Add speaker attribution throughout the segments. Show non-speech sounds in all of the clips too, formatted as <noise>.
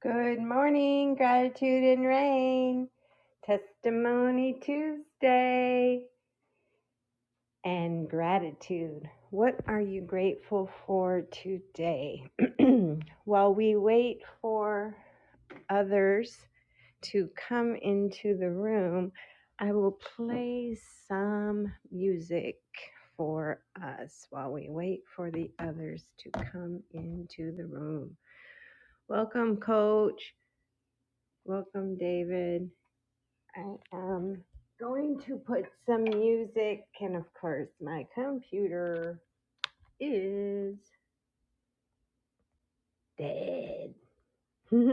Speaker 1: Good morning, gratitude and rain, testimony Tuesday, and gratitude. What are you grateful for today? <clears throat> While we wait for others to come into the room, I will play some music for us while we wait for the others to come into the room. Welcome, Coach. Welcome, David. I am going to put some music, and of course, my computer is dead. <laughs> I'm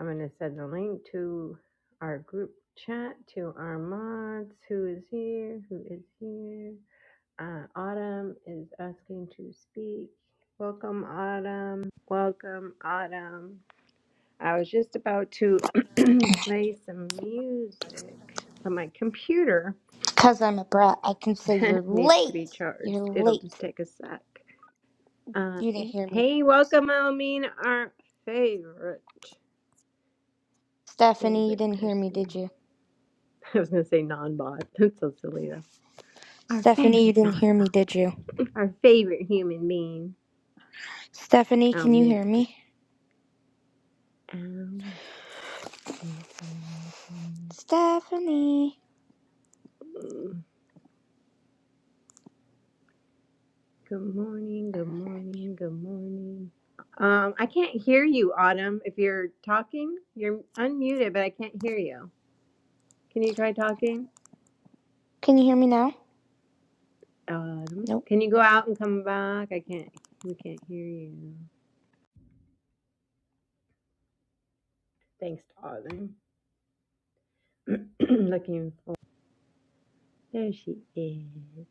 Speaker 1: going to send the link to our group chat to our mods. Who is here? Who is here? Uh, Autumn is asking to speak. Welcome, Autumn. Welcome, Autumn. I was just about to <clears throat> play some music, but my computer
Speaker 2: Because I'm a brat, I can say you're
Speaker 1: <laughs> needs to
Speaker 2: late.
Speaker 1: be charged.
Speaker 2: You're
Speaker 1: It'll
Speaker 2: late.
Speaker 1: just take a sec. Uh,
Speaker 2: You didn't
Speaker 1: eh,
Speaker 2: hear me.
Speaker 1: hey, welcome, Almin, our favorite
Speaker 2: Stephanie, you
Speaker 1: favorite
Speaker 2: didn't hear me, did
Speaker 1: person.
Speaker 2: you?
Speaker 1: <laughs> I was gonna say non-bot. <laughs> That's so silly though. Our
Speaker 2: Stephanie, you
Speaker 1: favorite
Speaker 2: didn't hear me,
Speaker 1: non-bot.
Speaker 2: did you?
Speaker 1: <laughs> Our favorite human being,
Speaker 2: Stephanie, can you
Speaker 1: Almin.
Speaker 2: hear me?
Speaker 1: Almin. I'm looking, I'm
Speaker 2: Stephanie.
Speaker 1: looking. Good morning. Good morning. Good morning. Um, I can't hear you, Autumn. If you're talking, you're unmuted, but I can't hear you. Can you try talking?
Speaker 2: Can you hear me now?
Speaker 1: Autumn,
Speaker 2: Nope.
Speaker 1: can you go out and come back? I can't. We can't hear you. Thanks, darling. <clears throat> Looking for. There she is.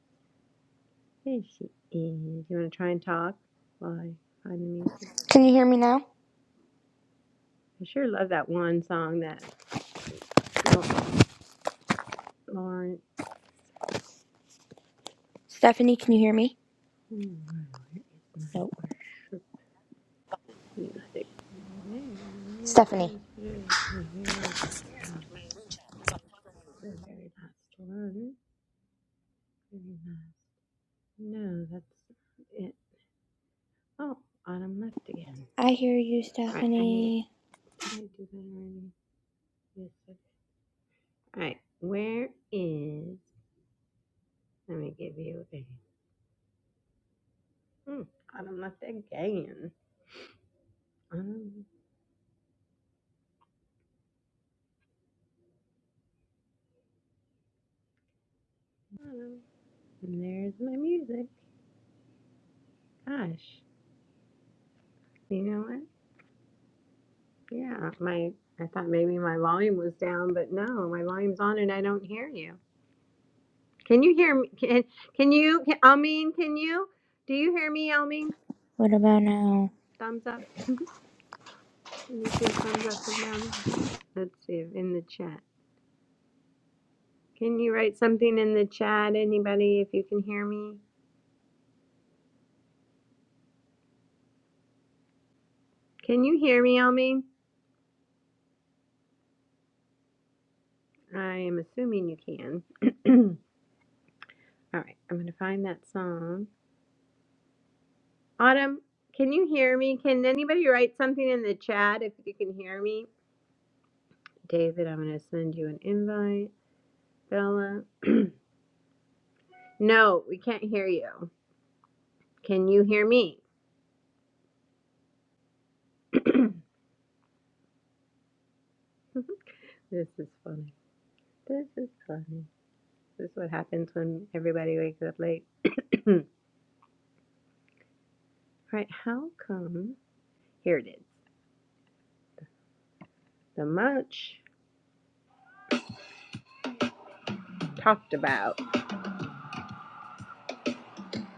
Speaker 1: There she is. You want to try and talk while I find the music?
Speaker 2: Can you hear me now?
Speaker 1: I sure love that one song that Lau- Lawrence.
Speaker 2: Stephanie, can you hear me?
Speaker 1: Ooh, where is my
Speaker 2: Nope.
Speaker 1: worship music? Already there. Yes,
Speaker 2: Stephanie.
Speaker 1: yes, it is. And here's the song. The very last one. Very last. No, that's it. Oh, autumn left again.
Speaker 2: I hear you,
Speaker 1: All right, I need.
Speaker 2: Stephanie.
Speaker 1: Did I do that already? Yes. I did. All right, where is? Let me give you a. Hmm, autumn left again. Um, Autumn. a And there's my music. Gosh, you know what? Yeah, my. I thought maybe my volume was down, but no, my volume's on and I don't hear you. Can you hear me? Can, can you, can, Almeen, can you? Do you hear me, Almeen?
Speaker 2: What about now?
Speaker 1: Thumbs up. <laughs> Can you do a thumbs up from down there? Let's see in the chat. Can you write something in the chat, anybody, if you can hear me? Can you hear me, Almi? I am assuming you can. <clears throat> All right, I'm gonna find that song. Autumn, can you hear me? Can anybody write something in the chat if you can hear me? David, I'm gonna send you an invite. Bella, <clears throat> no, we can't hear you. Can you hear me? <clears throat> this is funny. This is funny. This is what happens when everybody wakes up late. <coughs> <clears throat> right, how come? Here it is. The much talked about.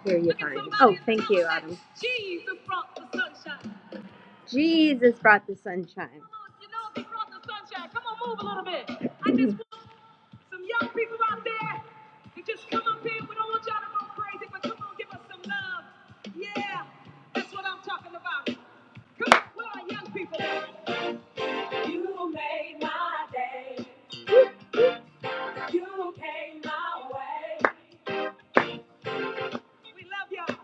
Speaker 1: Here you find it. Oh, thank you, Autumn. Jesus brought the sunshine. Jesus brought the sunshine. Come on, you know he brought the sunshine. Come on, move a little bit. I just want some young people out there to just come up here. We don't want y'all to go crazy, but come on, give us some love. Yeah, that's what I'm talking about. Come on, where are young people? You made my day. You came my way. We love y'all.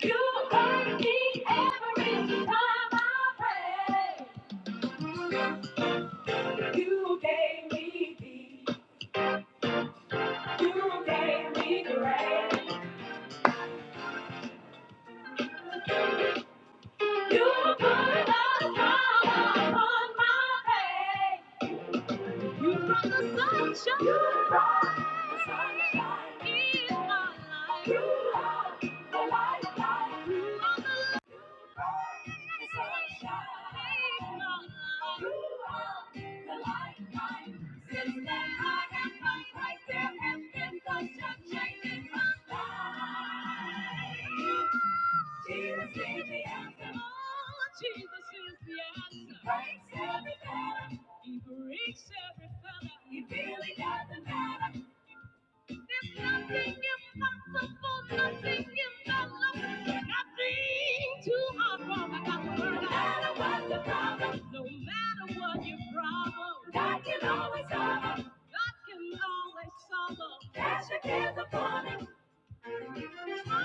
Speaker 1: You heard me every time I prayed. You gave me peace. You gave me grace. You put the smile on my face. You shine. You brought the sunshine in my life. You are the light. You are Jesus is the answer. Breaks every fetter. He breaks every fetter. He really got the matter. There's nothing impossible, nothing impossible, nothing too hard for my God. No matter what the problem, no matter what your problem, God can always solve 'em. God can always solve 'em. Cast your cares upon Him.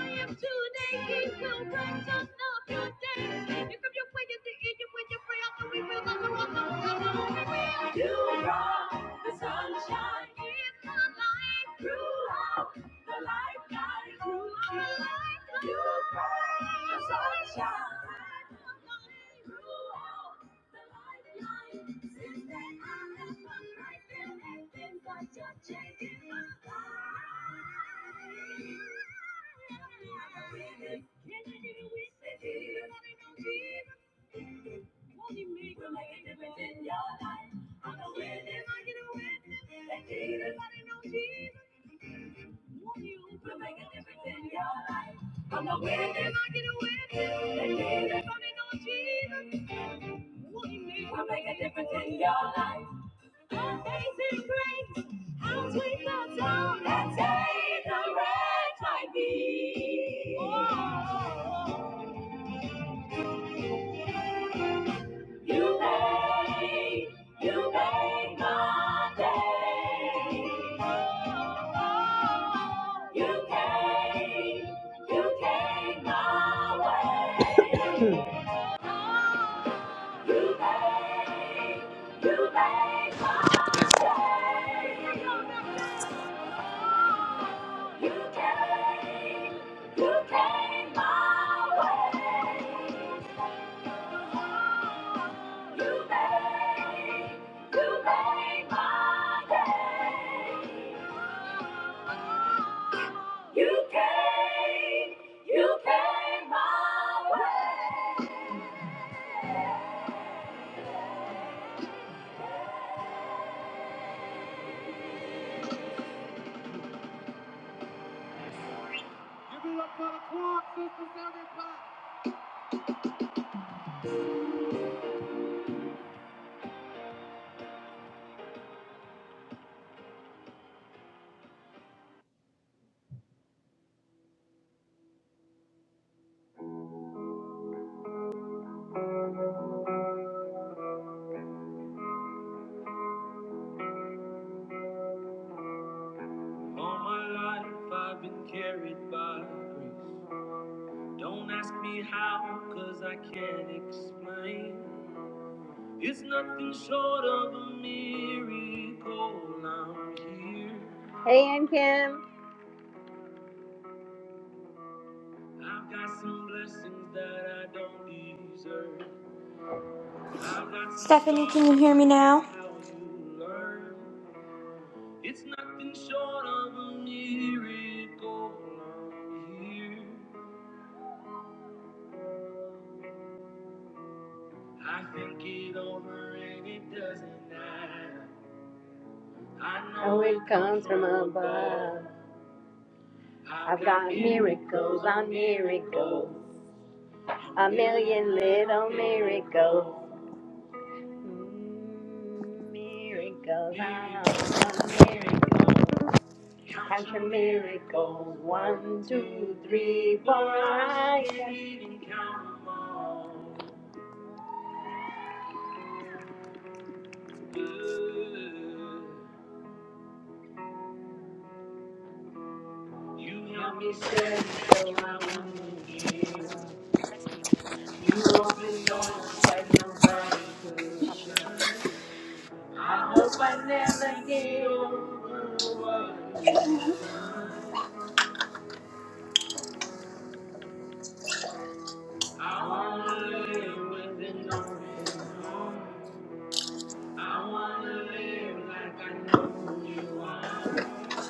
Speaker 1: I am today. He will bring just up your day. If you pray at the end, you when you pray out, the we will not the rock of the we will. You brought the sunshine in my life throughout the lifetime. Throughout my life, you brought the sunshine. in my life throughout the lifeline. Since then, I have found myself and things are changing my life. I'm a witness, can I get a witness? everybody know Jesus? Won't he make a make a difference in your life? I'm a witness, I get a witness. That Jesus, I know Jesus. You will make a difference in your life. I'm a witness, I get a witness. They need it, somebody know Jesus. What he means will make a difference in your life. Amazing grace, how sweet the sound that saved the wretch like me. Oh, You made, you made my day. You came, you came my way. <coughs> You made, you made my day. You came, you came my way. You made, you made my day. You came, you came my way. All my life I've been carried by grace. Don't ask me how, cause I can't explain. It's nothing short of a miracle. I'm here. Hey, Ann Kim. I've got some blessings that I don't deserve. I've got some
Speaker 2: Stephanie, can you
Speaker 1: scars,
Speaker 2: hear
Speaker 1: but
Speaker 2: me
Speaker 1: that's
Speaker 2: now?
Speaker 1: how you learn. It's nothing short of a miracle. I'm here. I think it over and it doesn't matter. I know it comes from above. I've got miracles on miracles, a million little miracles. Mm, Miracles on miracles. Count your miracles. One, two, three, four. I can't even count them all. Ooh. You held me steady so I wouldn't give up. You opened doors that nobody could shut. I hope I never get over what you've done. I wanna live with an open heart. I wanna live like I know who you are.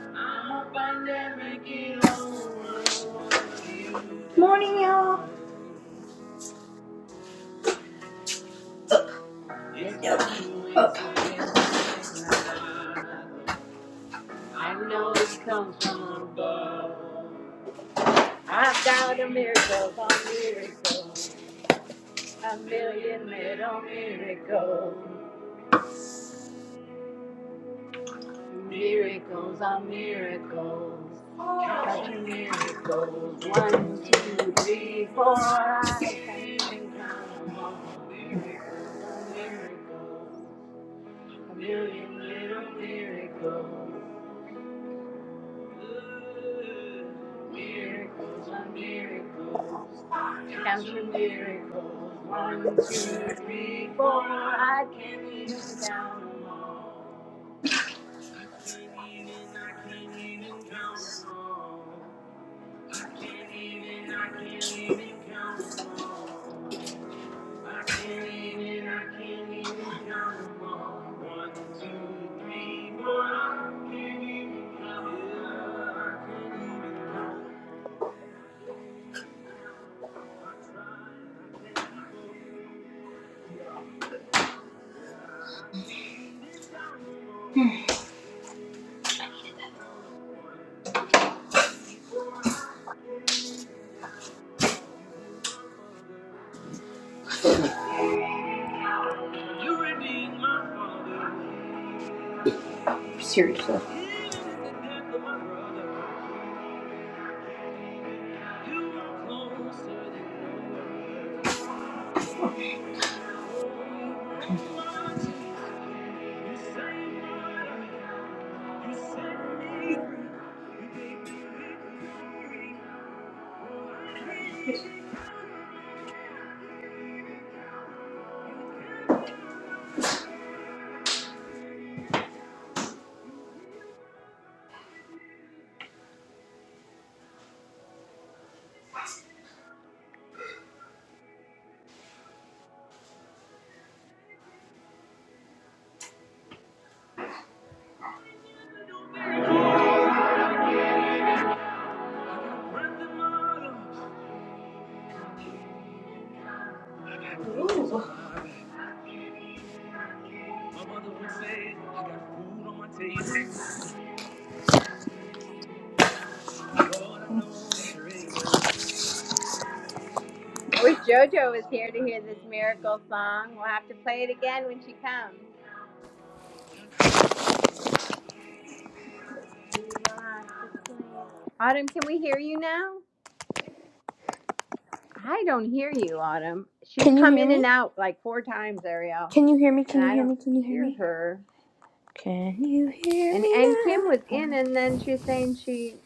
Speaker 1: I hope I never get over what you've
Speaker 2: Morning, y'all.
Speaker 1: done. It's not coincidence and it's not. I know it comes from above. I've got a miracle for miracles. A million little miracles. Miracles are miracles. Count your miracles. One, two, three, four. I can't even count them all. Miracles are miracles. A million little miracles. Miracles on miracles, count your miracles. One, two, three, four. I can't even count them all. I can't even, I can't even count them all. I can't even, I can't even count them all. I can't even, I can't even count them all. One, two, three, four. I can't even count it all. I can't even count it. all. I tried, I can't keep up. Yeah, I can't even count them all. I can't Count 'em. One, two, three, four. I can't even count 'em all. You were my mother. You redeemed my father.
Speaker 2: Seriously.
Speaker 1: Even in the death of my brother, you are closer than no other. Oh, you broke my chains. You saved my life. You set me free. You gave me victory. I can't even count it. I got breath in my lungs. I got clothes on my back. My mother would say, I got food on my table. Lord, I know that you're able. I can't even. Autumn, can we hear you now? I don't hear you, Autumn. She's
Speaker 2: Can you
Speaker 1: come
Speaker 2: hear
Speaker 1: in
Speaker 2: me?
Speaker 1: and out like four times, Ariel,
Speaker 2: Can you hear me?
Speaker 1: and
Speaker 2: Can you
Speaker 1: I
Speaker 2: hear
Speaker 1: don't
Speaker 2: me? Can you hear me? Can you hear
Speaker 1: hear
Speaker 2: me?
Speaker 1: her.
Speaker 2: Can you hear
Speaker 1: And
Speaker 2: me
Speaker 1: and Kim
Speaker 2: now?
Speaker 1: was in, and then she's saying she.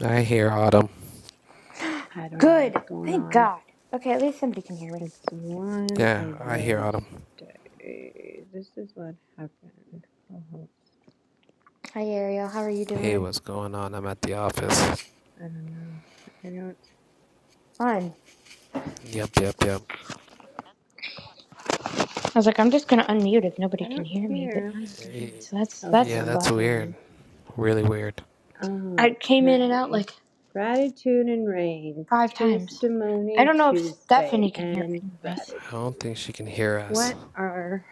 Speaker 3: I hear Autumn.
Speaker 1: I don't know
Speaker 2: Good.
Speaker 1: what's going
Speaker 2: Thank
Speaker 1: on.
Speaker 2: God. Okay, at least somebody can hear me.
Speaker 1: It's one
Speaker 3: Yeah,
Speaker 1: of
Speaker 3: I hear
Speaker 1: those
Speaker 3: Autumn.
Speaker 1: days. This is what happened. Oh,
Speaker 2: Hi, Ariel. How are you
Speaker 3: Hey,
Speaker 2: doing?
Speaker 3: what's going on? I'm at the office.
Speaker 1: I don't know. I don't.
Speaker 2: Fine.
Speaker 3: Yep, yep, yep.
Speaker 2: I was like, I'm just gonna unmute if nobody
Speaker 1: I
Speaker 2: can
Speaker 1: don't
Speaker 2: hear me, but
Speaker 1: hear.
Speaker 2: now you can hear
Speaker 3: Y-
Speaker 2: me, so that's
Speaker 1: Oh, she's
Speaker 2: that's a
Speaker 3: Yeah,
Speaker 1: on the
Speaker 3: that's
Speaker 2: plus.
Speaker 3: weird.
Speaker 1: phone.
Speaker 3: Really weird.
Speaker 2: I came in and out
Speaker 1: Okay.
Speaker 2: like
Speaker 1: Gratitude and rain,
Speaker 2: five times. I
Speaker 1: testimony
Speaker 2: don't know if
Speaker 1: Tuesday,
Speaker 2: Stephanie can hear
Speaker 1: and
Speaker 2: any of us.
Speaker 3: I don't
Speaker 1: gratitude.
Speaker 3: think she can hear us.
Speaker 1: What are,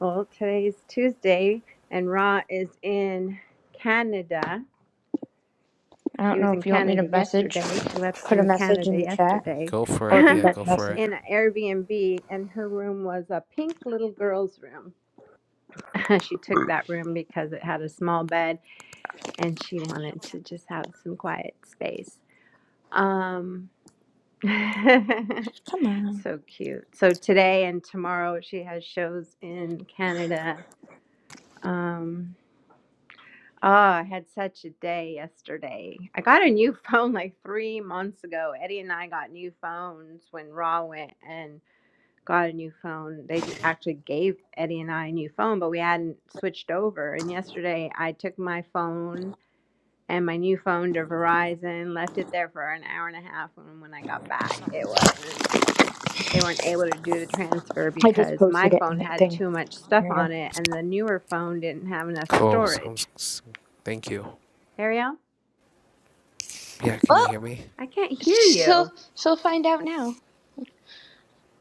Speaker 1: well, today's Tuesday, and Ra is in Canada.
Speaker 2: I
Speaker 1: She
Speaker 2: don't know
Speaker 1: was in
Speaker 2: if you want me to
Speaker 1: Canada
Speaker 2: message,
Speaker 1: yesterday. She left
Speaker 2: put a
Speaker 1: in
Speaker 2: message
Speaker 1: Canada
Speaker 2: in the chat,
Speaker 1: yesterday
Speaker 3: Go
Speaker 1: <laughs>
Speaker 3: for
Speaker 2: or if
Speaker 3: it.
Speaker 2: you
Speaker 1: in
Speaker 3: Yeah,
Speaker 2: got
Speaker 3: go
Speaker 2: a
Speaker 3: for
Speaker 2: message.
Speaker 3: it.
Speaker 1: an Airbnb, and her room was a pink little girl's room. <laughs> she took that room because it had a small bed and she wanted to just have some quiet space. Um, <laughs>
Speaker 2: Come on.
Speaker 1: so cute. So today and tomorrow she has shows in Canada. Um oh, I had such a day yesterday. I got a new <laughs> phone like 3 months ago. Eddie and I got new phones when Raw went and got a new phone. They j- actually gave Eddie and I a new phone, but we hadn't switched over. And yesterday I took my phone and my new phone to Verizon, left it there for an hour and a half and when I got back it wasn't. they weren't able to do the transfer
Speaker 2: I just
Speaker 1: because my
Speaker 2: posted it in
Speaker 1: phone
Speaker 2: the
Speaker 1: had
Speaker 2: thing,
Speaker 1: too much stuff
Speaker 2: Ariel.
Speaker 1: on it and the newer phone didn't have enough
Speaker 3: Cool. Sounds.
Speaker 1: storage.
Speaker 3: s- Thank you.
Speaker 1: Ariel,
Speaker 3: Yeah, can you
Speaker 2: Well,
Speaker 3: hear me?
Speaker 1: I can't hear
Speaker 2: she'll
Speaker 1: you.
Speaker 2: she'll find out now.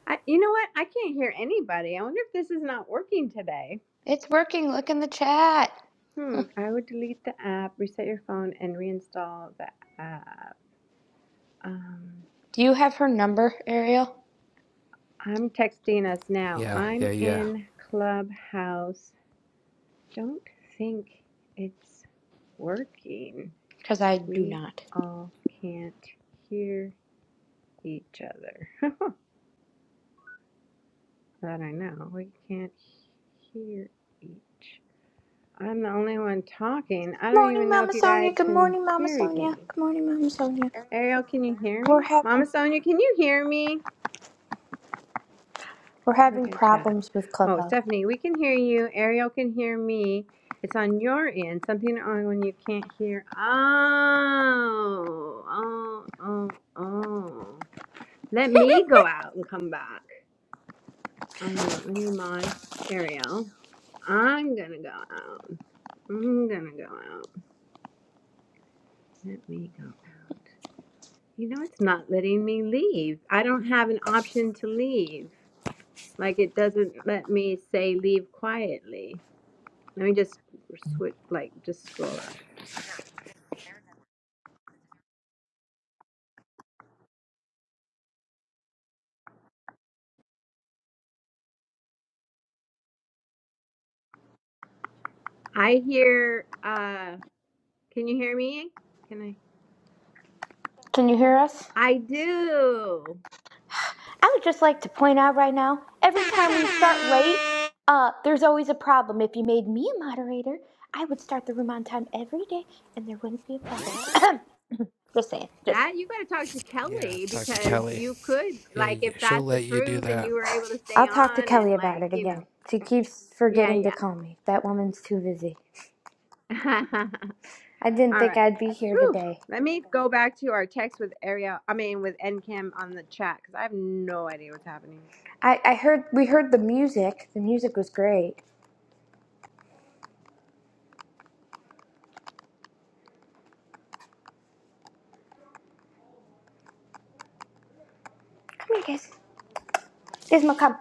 Speaker 1: I, you know what? I can't hear anybody. I wonder if this is not working today.
Speaker 2: It's working. Look in the chat.
Speaker 1: Hmm. I would delete the app, reset your phone, and reinstall the app. Um,
Speaker 2: Do you have her number, Ariel?
Speaker 1: I'm texting us now.
Speaker 3: Yeah,
Speaker 1: I'm
Speaker 3: yeah, yeah.
Speaker 1: in Clubhouse. Don't think it's working.
Speaker 2: Because I do
Speaker 1: We
Speaker 2: not.
Speaker 1: all can't hear each other. <laughs> that I know. We can't hear each. I'm the only one talking. I don't
Speaker 2: Morning,
Speaker 1: even know
Speaker 2: Mama
Speaker 1: if you
Speaker 2: Sonia.
Speaker 1: guys
Speaker 2: Good
Speaker 1: can
Speaker 2: morning, Mama
Speaker 1: hear
Speaker 2: Sonia.
Speaker 1: me.
Speaker 2: Good morning, Mama Sonia.
Speaker 1: Ariel, can you hear
Speaker 2: We're
Speaker 1: me? Mama
Speaker 2: having
Speaker 1: Sonia, can you hear me?
Speaker 2: we're having
Speaker 1: Look at chat.
Speaker 2: problems with
Speaker 1: Oh,
Speaker 2: Clubhouse.
Speaker 1: Stephanie, we can hear you. Ariel can hear me. It's on your end. Something on when you can't hear. Oh, oh, oh, oh. Let me go out and come back. Uh, let me mod Ariel. I'm gonna go out. I'm gonna go out. Let me go out. You know, it's not letting me leave. I don't have an option to leave. Like, it doesn't let me say leave quietly. Let me just switch, like, just scroll up. I hear, uh, can you hear me? Can I?
Speaker 2: Can you hear us?
Speaker 1: I do.
Speaker 2: I would just like to point out right now, every time we start late, uh, there's always a problem. If you made me a moderator, I would start the room on time every day, and there wouldn't be a problem. <clears throat> just saying. Just. Saying.
Speaker 1: That you got to talk to
Speaker 3: Yeah,
Speaker 1: Kelly
Speaker 3: talk to
Speaker 1: because
Speaker 3: Kelly.
Speaker 1: you could
Speaker 3: Yeah,
Speaker 1: like
Speaker 3: y-
Speaker 1: if
Speaker 3: she'll
Speaker 1: that's the
Speaker 3: let you do
Speaker 1: truth and
Speaker 3: that.
Speaker 1: you were able to stay
Speaker 2: I'll talk to
Speaker 1: on
Speaker 2: Kelly
Speaker 1: and
Speaker 2: about
Speaker 1: like
Speaker 2: it
Speaker 1: you know
Speaker 2: again. She keeps
Speaker 1: yeah
Speaker 2: forgetting to
Speaker 1: yeah
Speaker 2: call me. That woman's too busy.
Speaker 1: <laughs>
Speaker 2: I didn't
Speaker 1: all
Speaker 2: think
Speaker 1: right
Speaker 2: I'd be here
Speaker 1: Whew.
Speaker 2: today.
Speaker 1: let me go back to our text with Ariel I mean with NCAM on the chat because I have no idea what's happening
Speaker 2: I, I heard we heard the music. The music was great. Come here, guys. Gizmo, come.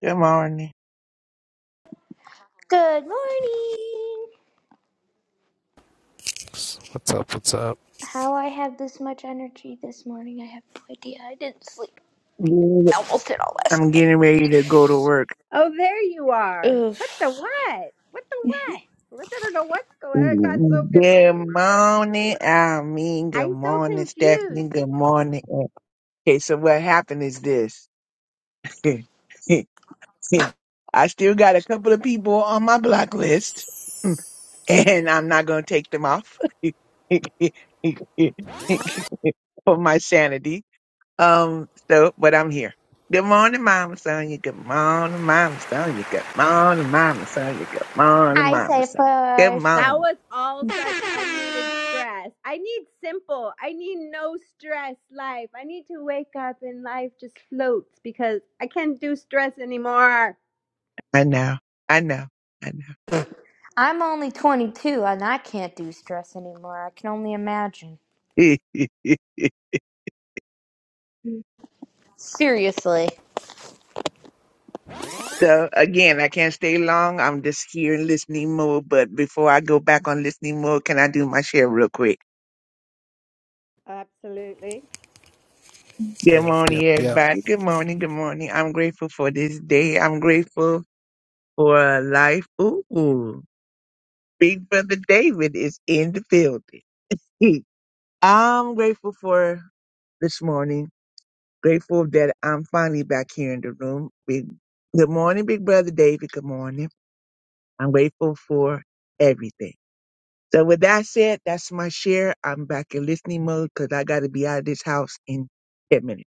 Speaker 4: Good morning.
Speaker 2: Good morning.
Speaker 3: S- What's up? What's up?
Speaker 2: How I have this much energy this morning, I have no idea. I didn't sleep.
Speaker 4: Yeah,
Speaker 2: I almost did all last
Speaker 4: I'm getting
Speaker 2: night.
Speaker 4: ready to go to work.
Speaker 1: oh there you are what the
Speaker 2: Oof.
Speaker 1: what what the
Speaker 2: <laughs>
Speaker 1: what what I don't know what's going on. I got so
Speaker 4: Good
Speaker 1: confused
Speaker 4: morning, I mean, good
Speaker 1: I'm so
Speaker 4: morning,
Speaker 1: confused
Speaker 4: Stephanie. Good morning. Okay, so what happened is this. <laughs> I still got a couple of people on my block list, <laughs> and I'm not going to take them off <laughs> for my sanity. Um, so, but I'm here. Good morning, Mama Sonia. Good morning, Mama Sonia. Good morning, Mama Sonia. Good morning,
Speaker 2: I
Speaker 4: Mama
Speaker 2: say
Speaker 4: Sonia. Good
Speaker 2: first.
Speaker 1: That
Speaker 4: morning.
Speaker 1: was all such unneeded stress. I need simple. I need no stress life. I need to wake up and life just floats because I can't do stress anymore.
Speaker 4: I know. I know. I know.
Speaker 2: I'm only 22 and I can't do stress anymore. I can only imagine.
Speaker 4: <laughs>
Speaker 2: Seriously.
Speaker 4: so again, I can't stay long. I'm just here in listening mode. But before I go back on listening mode, can I do my share real quick?
Speaker 1: Absolutely.
Speaker 4: Good
Speaker 3: Yep,
Speaker 4: morning,
Speaker 3: yep, yep.
Speaker 4: everybody. Good morning. Good morning. I'm grateful for this day. I'm grateful for life. Ooh. Big Brother David is in the building. <laughs> I'm grateful for this morning. Grateful that I'm finally back here in the room. Big, good morning, Big Brother David. Good morning. I'm grateful for everything. So with that said, that's my share. I'm back in listening mode because I got to be out of this house in 10 minutes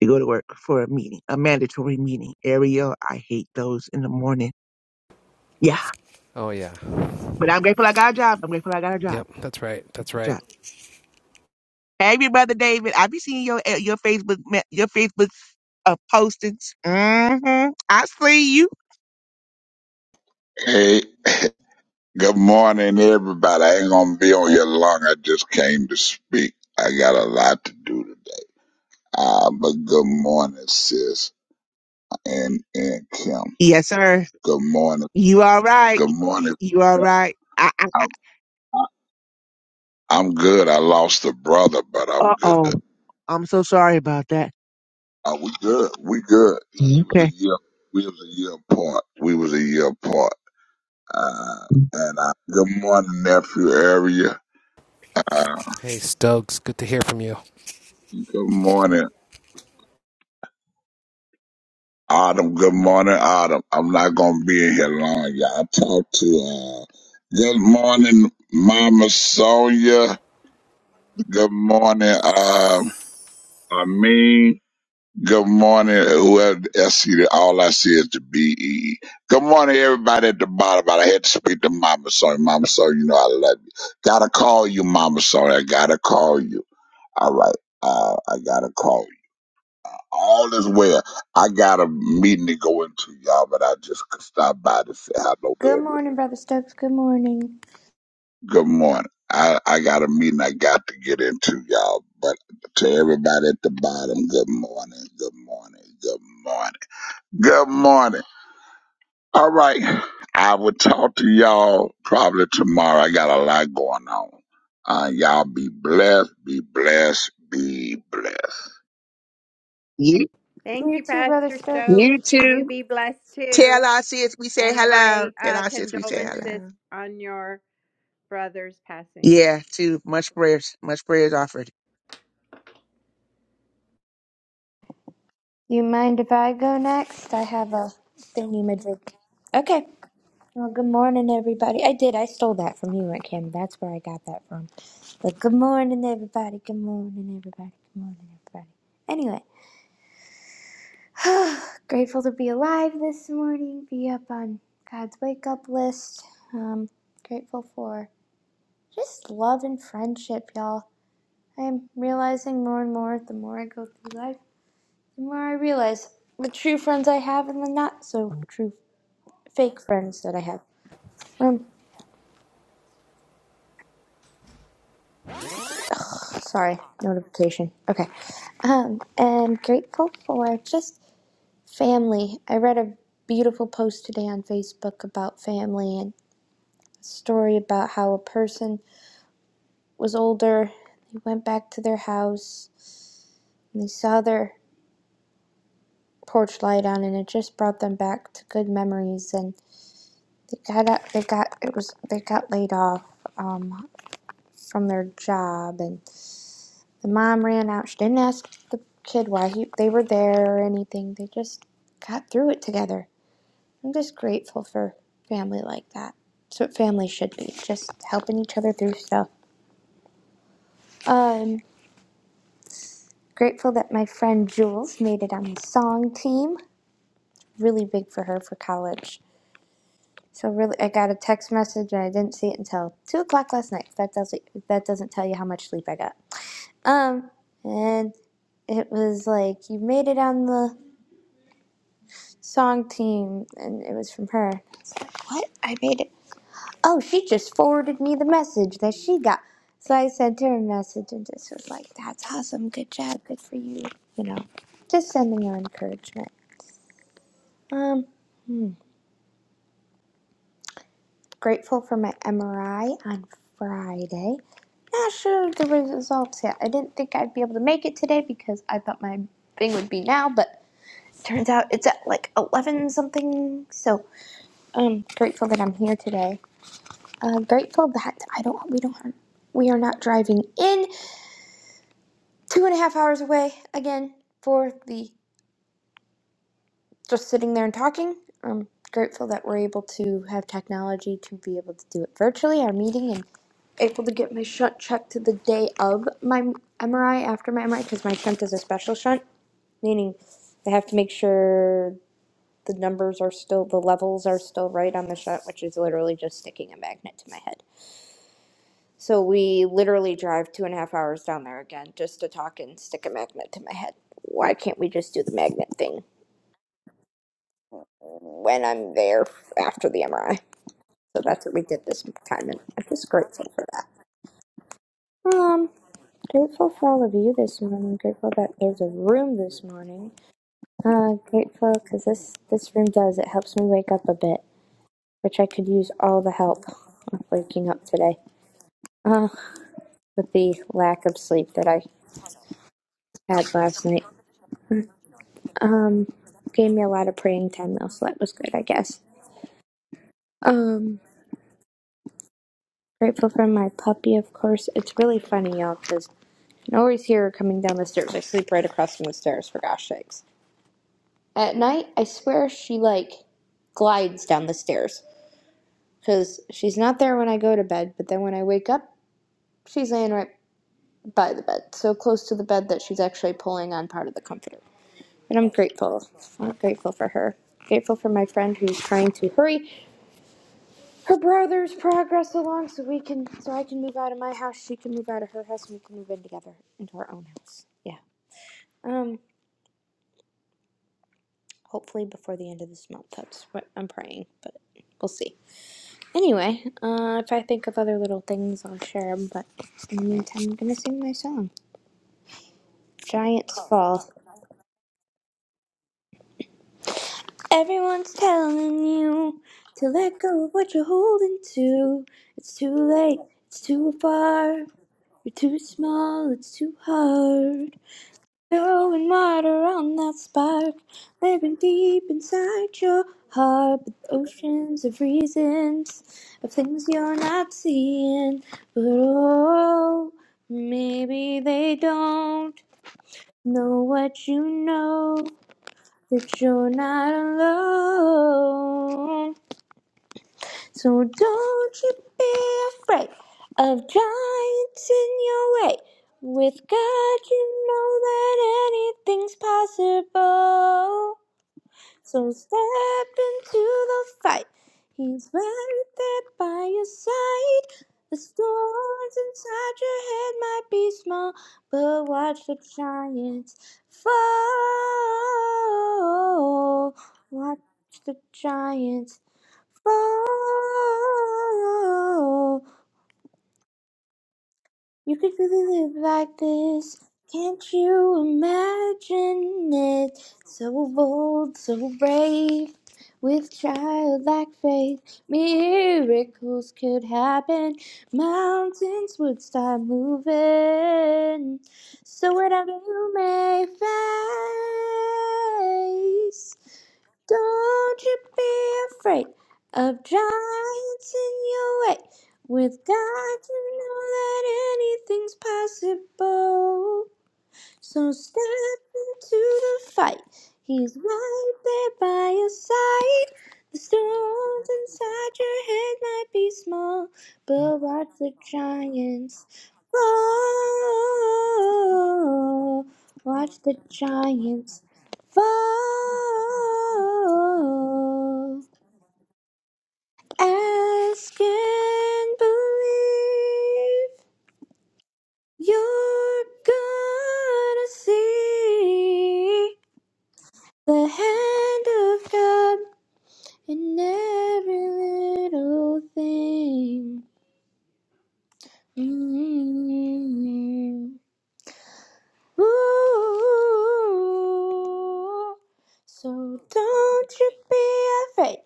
Speaker 4: to go to work for a meeting, a mandatory meeting. Ariel, I hate those in the morning. Yeah,
Speaker 3: Oh, yeah.
Speaker 4: but I'm grateful I got a job. I'm grateful I got a job.
Speaker 3: Yep, that's right. That's
Speaker 4: A
Speaker 3: right.
Speaker 4: job. Hey, brother David, I be seeing your eh, your Facebook me- your Facebook uh, postings. Mm-hmm. I see you.
Speaker 5: Hey, <laughs> good morning, everybody. I ain't gonna be on here long. I just came to speak. I got a lot to do today. Ah, but good morning, sis, and and Kim.
Speaker 4: Yes, sir.
Speaker 5: Good morning.
Speaker 4: You all right?
Speaker 5: Good morning.
Speaker 4: You all right? I, I, I,
Speaker 5: I'm I'm good. I lost a brother, but I'm
Speaker 4: uh
Speaker 5: good.
Speaker 4: oh, I'm so sorry about that.
Speaker 5: Uh, we good. We good. He was a
Speaker 4: Okay.
Speaker 5: year. We was a year apart. We was a year apart. Uh, and uh, good morning, nephew area. Uh,
Speaker 3: Hey, Stokes, good to hear from you.
Speaker 5: good morning. Autumn, good morning, Autumn. I'm not gonna be in here long, y'all. I talked to uh good morning, Mama Sonia. Good morning, um I mean good morning, whoever I see that all I see is the B E. E. Good morning everybody at the bottom, but I had to speak to Mama Sonia. Mama Sonia, you know I love you. Gotta call you, Mama Sonia. I gotta call you. All right. Uh, I gotta call. All is well. I got a meeting to go into, y'all, but I just stopped by to say hello to
Speaker 2: Good
Speaker 5: everybody.
Speaker 2: morning, Brother Stokes. Good morning.
Speaker 5: Good morning. I, I got a meeting I got to get into, y'all, but to everybody at the bottom, good morning, good morning, good morning, good morning. All right. I will talk to y'all probably tomorrow. I got a lot going on. Uh, y'all be blessed, be blessed, be blessed.
Speaker 4: You
Speaker 1: Thank
Speaker 2: You
Speaker 1: you,
Speaker 2: too, Brother
Speaker 1: Pastor
Speaker 2: Stokes.
Speaker 1: Stokes.
Speaker 2: You
Speaker 4: you
Speaker 2: too.
Speaker 1: You
Speaker 4: too.
Speaker 1: be blessed
Speaker 4: Tell
Speaker 1: too.
Speaker 4: our sis we say
Speaker 1: And my
Speaker 4: hello. Tell
Speaker 1: uh,
Speaker 4: our sis we say
Speaker 1: condolences
Speaker 4: hello.
Speaker 1: on your brother's passing.
Speaker 4: Yeah, too. Much prayers. Much prayers offered.
Speaker 2: You mind if I go next? I have a thingy majig. Okay. Well, good morning, everybody. I did. I stole that from you, Aunt Kim. That's where I got that from. But good morning, everybody. Good morning, everybody. Good morning, everybody. Anyway, <sighs> grateful to be alive this morning, be up on God's wake up list. Um, grateful for just love and friendship, y'all. I'm realizing more and more the more I go through life, the more I realize the true friends I have and the not so true fake friends that I have. Um, sorry, notification. Okay. Um, and grateful for just family. I read a beautiful post today on Facebook about family and a story about how a person was older. They went back to their house and they saw their porch light on, and it just brought them back to good memories. And they got out, they got it was they got laid off. Um, from their job and the mom ran out. She didn't ask the kid why he, they were there or anything. They just got through it together. I'm just grateful for family like that. That's what family should be, just helping each other through stuff. I'm grateful that my friend Jules made it on the song team. Really big for her for college. So really, I got a text message and I didn't see it until two o'clock last night. That doesn't that doesn't tell you how much sleep I got. Um, and it was like you made it on the song team, and it was from her. It's like, what? I made it. Oh, she just forwarded me the message that she got. So I sent her a message and just was like, "That's awesome. Good job. Good for you." You know, just sending her encouragement. Um, hmm, grateful for my MRI on Friday. Not sure of the results yet. I didn't think I'd be able to make it today because I thought my thing would be now, but Turns out it's at like 11 something. So I'm grateful that I'm here today. Uh, grateful that I don't, we don't, have, we are not driving in two and a half hours away again for the just sitting there and talking. I'm grateful that we're able to have technology to be able to do it virtually, our meeting, and able to get my shunt checked to the day of my MRI after my MRI because my shunt is a special shunt, meaning they have to make sure the numbers are still, the levels are still right on the shot, which is literally just sticking a magnet to my head. So we literally drive two and a half hours down there again just to talk and stick a magnet to my head. Why can't we just do the magnet thing when I'm there after the MRI? So that's what we did this time, and I'm just grateful for that. Um, grateful for all of you this morning. Grateful that there's a room this morning. Uh, grateful because this this room does it helps me wake up a bit. which I could use all the help of waking up today. Uh, with the lack of sleep that I had last night. Um, gave me a lot of praying time though, so that was good, I guess. Um, grateful for my puppy, of course. It's really funny, y'all, because I can always hear her coming down the stairs. I sleep right across from the stairs, for gosh sakes. At night, I swear she like glides down the stairs because she's not there when I go to bed, but then when I wake up, she's laying right by the bed, so close to the bed that she's actually pulling on part of the comforter. And I'm grateful. I'm grateful for her. Grateful for my friend who's trying to hurry her brother's progress along so we can so I can move out of my house, she can move out of her house, and we can move in together into our own house. Yeah. Um hopefully before the end of this month. That's what I'm praying, but we'll see. Anyway, uh, if I think of other little things, I'll share them. But in the meantime, I'm gonna sing my song, "Giants Fall." Everyone's telling you to let go of what you're holding to. It's too late, it's too far, you're too small, it's too hard. Throwing water on that spark, living deep inside your heart. But oceans of reasons, of things you're not seeing. But oh, maybe they don't know what you know that you're not alone. So don't you be afraid of giants in your way. With God, you know that anything's possible. So step into the fight. He's right there by your side. The storms inside your head might be small, but watch the giants fall. Watch the giants fall. You could really live like this. Can't you imagine it? So bold, so brave, with childlike faith, miracles could happen. Mountains would start moving. So whatever you may face, don't you be afraid of giants in your way. With God, you know that anything's possible. So step into the fight. He's right there by your side. The storms inside your head might be small, but watch the giants fall. Watch the giants fall. Ask and believe you're gonna see. The hand of God in every little thing. Mm. Ooh. So don't you be afraid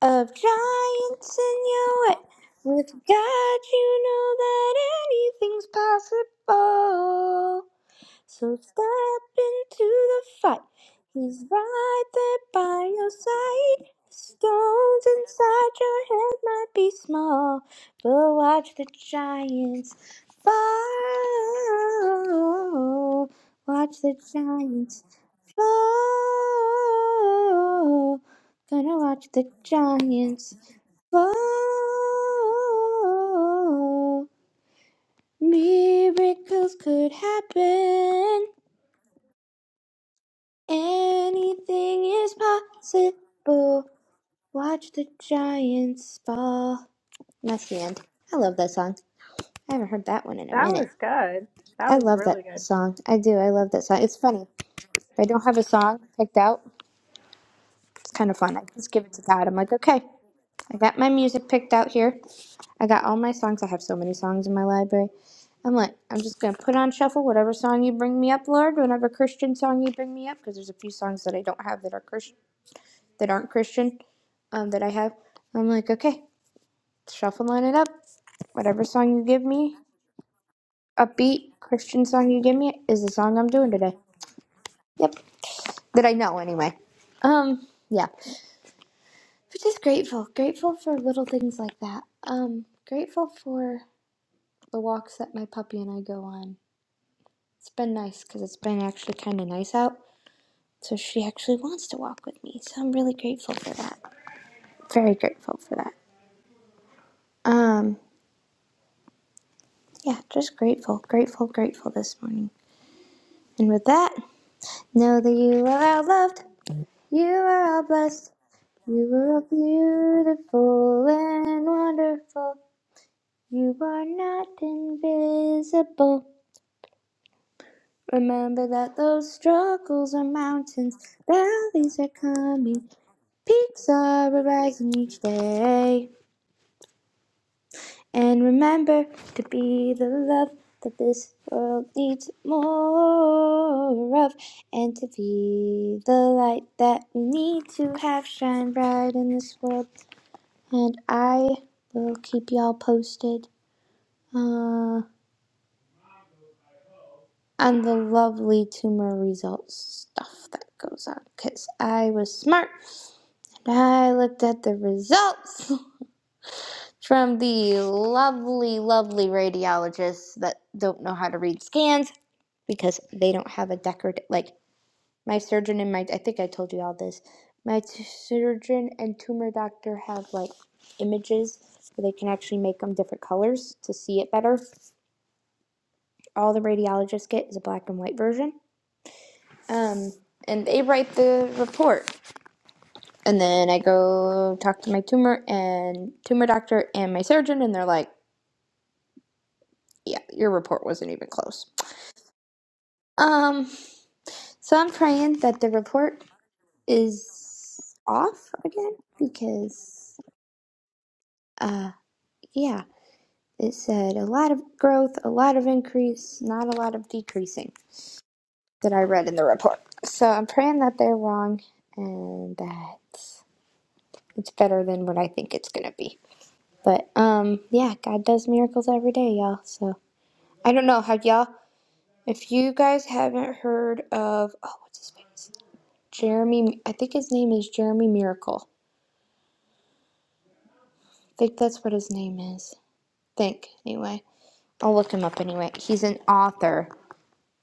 Speaker 2: of giants in your way. With God, you know that anything's possible. So step into the fight. He's right there by your side. The stones inside your head might be small, but watch the giants fall. Watch the giants fall. Gonna watch the giants fall. Miracles could happen. Anything is possible. Watch the giants fall. And That's the end. I love that song. I haven't heard that one in a
Speaker 1: That
Speaker 2: minute.
Speaker 1: was good. That
Speaker 2: I
Speaker 1: was
Speaker 2: love
Speaker 1: really
Speaker 2: that
Speaker 1: good.
Speaker 2: song. I do. I love that song. It's funny. If I don't have a song picked out, it's kind of fun. I just give it to God. I'm like, okay, I got my music picked out here. I got all my songs. I have so many songs in my library. I'm like, I'm just gonna put on shuffle whatever song you bring me up, Lord. Whatever Christian song you bring me up, because there's a few songs that I don't have that are Christian that aren't Christian um, that I have. I'm like, okay, shuffle line it up. Whatever song you give me, upbeat Christian song you give me is the song I'm doing today. Yep, that I know anyway. Um, yeah, but just grateful, grateful for little things like that. Um, grateful for the walks that my puppy and I go on. It's been nice because it's been actually kind of nice out, so she actually wants to walk with me. So I'm really grateful for that. Very grateful for that. Um, Yeah, just grateful, grateful, grateful this morning. And with that, know that you are all loved, you are all blessed, you are all beautiful and wonderful. You are not invisible. Remember that those struggles are mountains, valleys are coming, peaks are arising each day. And remember to be the love that this world needs more of, and to be the light that we need to have shine bright in this world. And I will keep y'all posted uh, on the lovely tumor results stuff that goes on, because I was smart and I looked at the results. <laughs> From the lovely, lovely radiologists that don't know how to read scans because they don't have a decorative like my surgeon and my I think I told you all this. My t- surgeon and tumor doctor have like images where they can actually make them different colors to see it better. All the radiologists get is a black and white version. Um, and they write the report. And then I go talk to my tumor and tumor doctor and my surgeon and they're like, "Yeah, your report wasn't even close." Um, so I'm praying that the report is off again because uh yeah it said a lot of growth a lot of increase not a lot of decreasing that i read in the report so i'm praying that they're wrong and that it's better than what i think it's gonna be but um yeah god does miracles every day y'all so i don't know have y'all if you guys haven't heard of oh what's his face jeremy i think his name is jeremy miracle i think that's what his name is think anyway I'll look him up anyway. He's an author,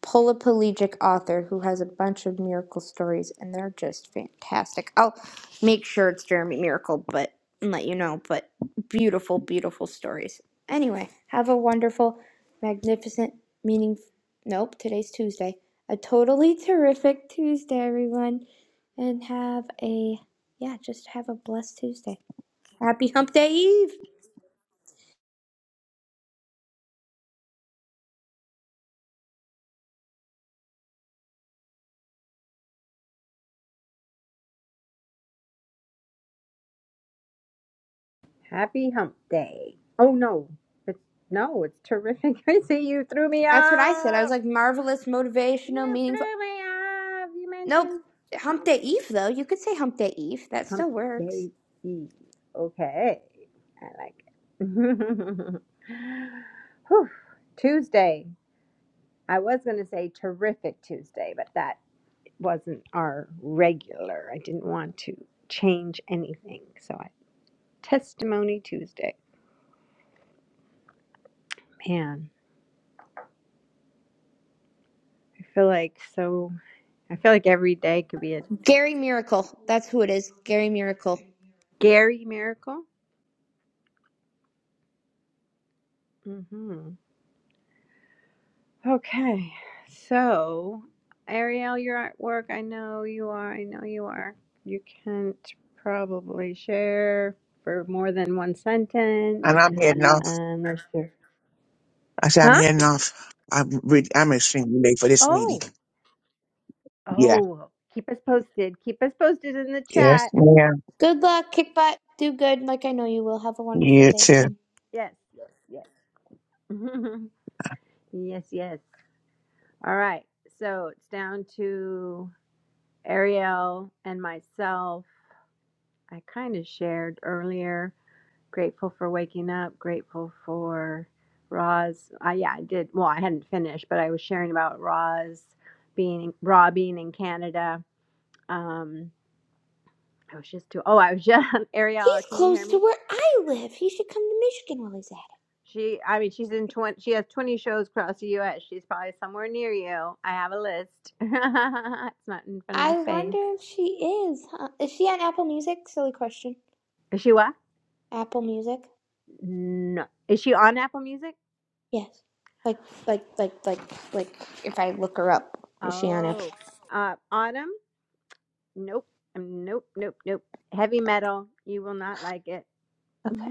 Speaker 2: polyplegic author who has a bunch of miracle stories, and they're just fantastic. I'll make sure it's Jeremy Miracle, but and let you know. But beautiful, beautiful stories. Anyway, have a wonderful, magnificent, meaning. Nope, today's Tuesday. A totally terrific Tuesday, everyone, and have a yeah, just have a blessed Tuesday. Happy Hump Day Eve.
Speaker 1: Happy hump day. Oh, no. It's, no, it's terrific. <laughs> I see you threw me
Speaker 2: That's what I said. I was
Speaker 1: off.
Speaker 2: like marvelous, motivational,
Speaker 1: You
Speaker 2: meaningful.
Speaker 1: threw me off. You
Speaker 2: Nope.
Speaker 1: mentioned
Speaker 2: Hump
Speaker 1: hump,
Speaker 2: Day Eve, though. You could say Hump Day Eve. That
Speaker 1: hump
Speaker 2: still works.
Speaker 1: day Eve. Okay, I like it. <laughs> Whew. Tuesday. I was going to say terrific Tuesday, but that wasn't our regular. I didn't want to change anything, so I testimony Tuesday. Man, I feel like so. I feel like every day could be a
Speaker 2: Gary Miracle. That's who it is. Gary Miracle.
Speaker 1: Gary miracle. hmm Okay, so Ariel, you're at work. I know you are. I know you are. You can't probably share for more than one
Speaker 4: And
Speaker 1: sentence
Speaker 4: I'm heading off.
Speaker 1: unless you're.
Speaker 4: I said I'm
Speaker 1: Huh?
Speaker 4: heading off. I'm re- I'm extremely late for this meeting.
Speaker 1: Oh,
Speaker 4: Yeah.
Speaker 1: oh, keep us posted. Keep us posted in the
Speaker 4: Yes,
Speaker 1: chat.
Speaker 4: ma'am.
Speaker 2: Good luck, Kickbot. Do good, like I know you will. Have a wonderful
Speaker 4: You
Speaker 2: day,
Speaker 4: too.
Speaker 2: Kim.
Speaker 1: Yes, yes, yes. <laughs> yes, yes. All right, so it's down to Ariel and myself. I kind of shared earlier Grateful for waking up. Grateful for Roz. I yeah, I did. Well, I hadn't finished, but I was sharing about Roz being Raw being in Canada. Um, I was just too. Oh, I was just <laughs> Ariel.
Speaker 2: He's
Speaker 1: Can you hear
Speaker 2: close to
Speaker 1: me?
Speaker 2: where I live. He should come to Michigan while he's at it.
Speaker 1: She, I mean, she's in twenty. She has twenty shows across the U.S. She's probably somewhere near you. I have a list. <laughs> it's not in front of my
Speaker 2: I
Speaker 1: face.
Speaker 2: wonder if she is. Huh? Is she on Apple Music? Silly question.
Speaker 1: Is she what?
Speaker 2: Apple Music?
Speaker 1: No. Is she on Apple Music?
Speaker 2: Yes. Like, like, like, like, like. If I look her up, is she on Apple?
Speaker 1: Oh, uh, Autumn. Nope. Um, Nope. Nope. Nope. Heavy metal. You will not like it.
Speaker 2: Okay.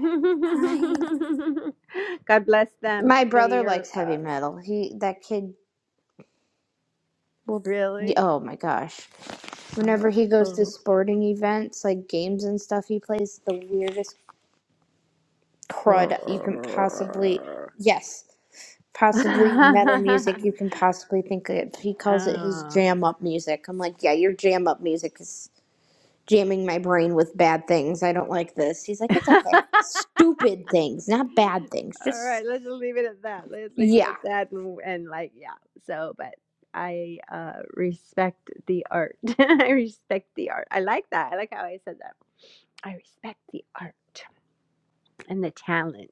Speaker 2: Fine.
Speaker 1: God bless them.
Speaker 2: My brother
Speaker 1: They are
Speaker 2: likes heavy
Speaker 1: uh,
Speaker 2: metal. He that kid Well, y-
Speaker 1: really.
Speaker 2: oh my gosh.
Speaker 1: Uh,
Speaker 2: Whenever he goes to
Speaker 1: oh. <laughs>
Speaker 2: sporting events, like games and stuff, he plays the weirdest crud you can
Speaker 1: Oh.
Speaker 2: possibly, yes,
Speaker 1: <laughs>
Speaker 2: possibly metal music you can possibly think of. He calls it his
Speaker 1: All
Speaker 2: jam up music. I'm like, yeah, your jam up music is jamming my brain with bad things. I don't like this. He's like, it's okay. Stupid things, not bad things. Just,
Speaker 1: right. Let's just leave it at that. Let's leave it
Speaker 2: yeah.
Speaker 1: at that. And, and like, yeah. So, but I uh, respect the art. <laughs> I respect the art. I like that. I like how I said that. I respect the art. and the talent.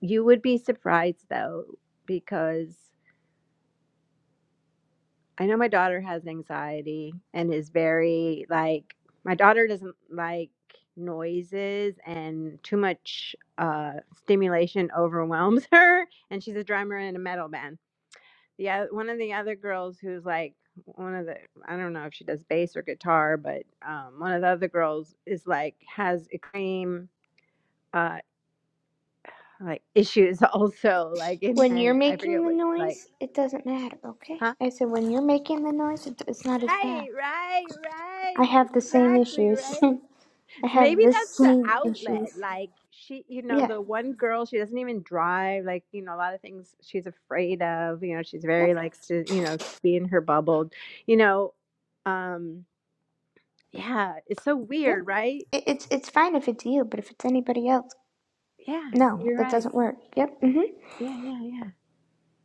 Speaker 1: You would be surprised though, because I know my daughter has anxiety and is very like, my daughter doesn't like noises and too much uh, stimulation overwhelms <laughs> her. And she's a drummer in a metal band. The oth- one of the other girls who's like, one of the I don't know if she does bass or guitar, but um, one of the other girls is like has extreme uh, like issues <laughs> also like and,
Speaker 2: When you're
Speaker 1: and i
Speaker 2: making
Speaker 1: forget
Speaker 2: the
Speaker 1: what like
Speaker 2: noise, it doesn't matter, okay?
Speaker 1: huh
Speaker 2: I said, when you're making the noise, it- it's not as bad.
Speaker 1: right right
Speaker 2: I
Speaker 1: right
Speaker 2: have
Speaker 1: <laughs>
Speaker 2: the same
Speaker 1: exactly
Speaker 2: issues. <laughs>
Speaker 1: right
Speaker 2: I
Speaker 1: so
Speaker 2: have
Speaker 1: maybe
Speaker 2: the
Speaker 1: that's the
Speaker 2: same issues.
Speaker 1: outlet like she you know
Speaker 2: Yeah.
Speaker 1: the one girl she doesn't even drive like you know a lot of things she's afraid of you know she's
Speaker 2: Yep.
Speaker 1: very like to you know be in her bubble you know um yeah it's so
Speaker 2: Yep.
Speaker 1: weird right
Speaker 2: It, it's it's fine if it's you, but if it's anybody else,
Speaker 1: yeah
Speaker 2: no,
Speaker 1: you're
Speaker 2: that
Speaker 1: right
Speaker 2: doesn't work. Yep. Mhm.
Speaker 1: yeah yeah yeah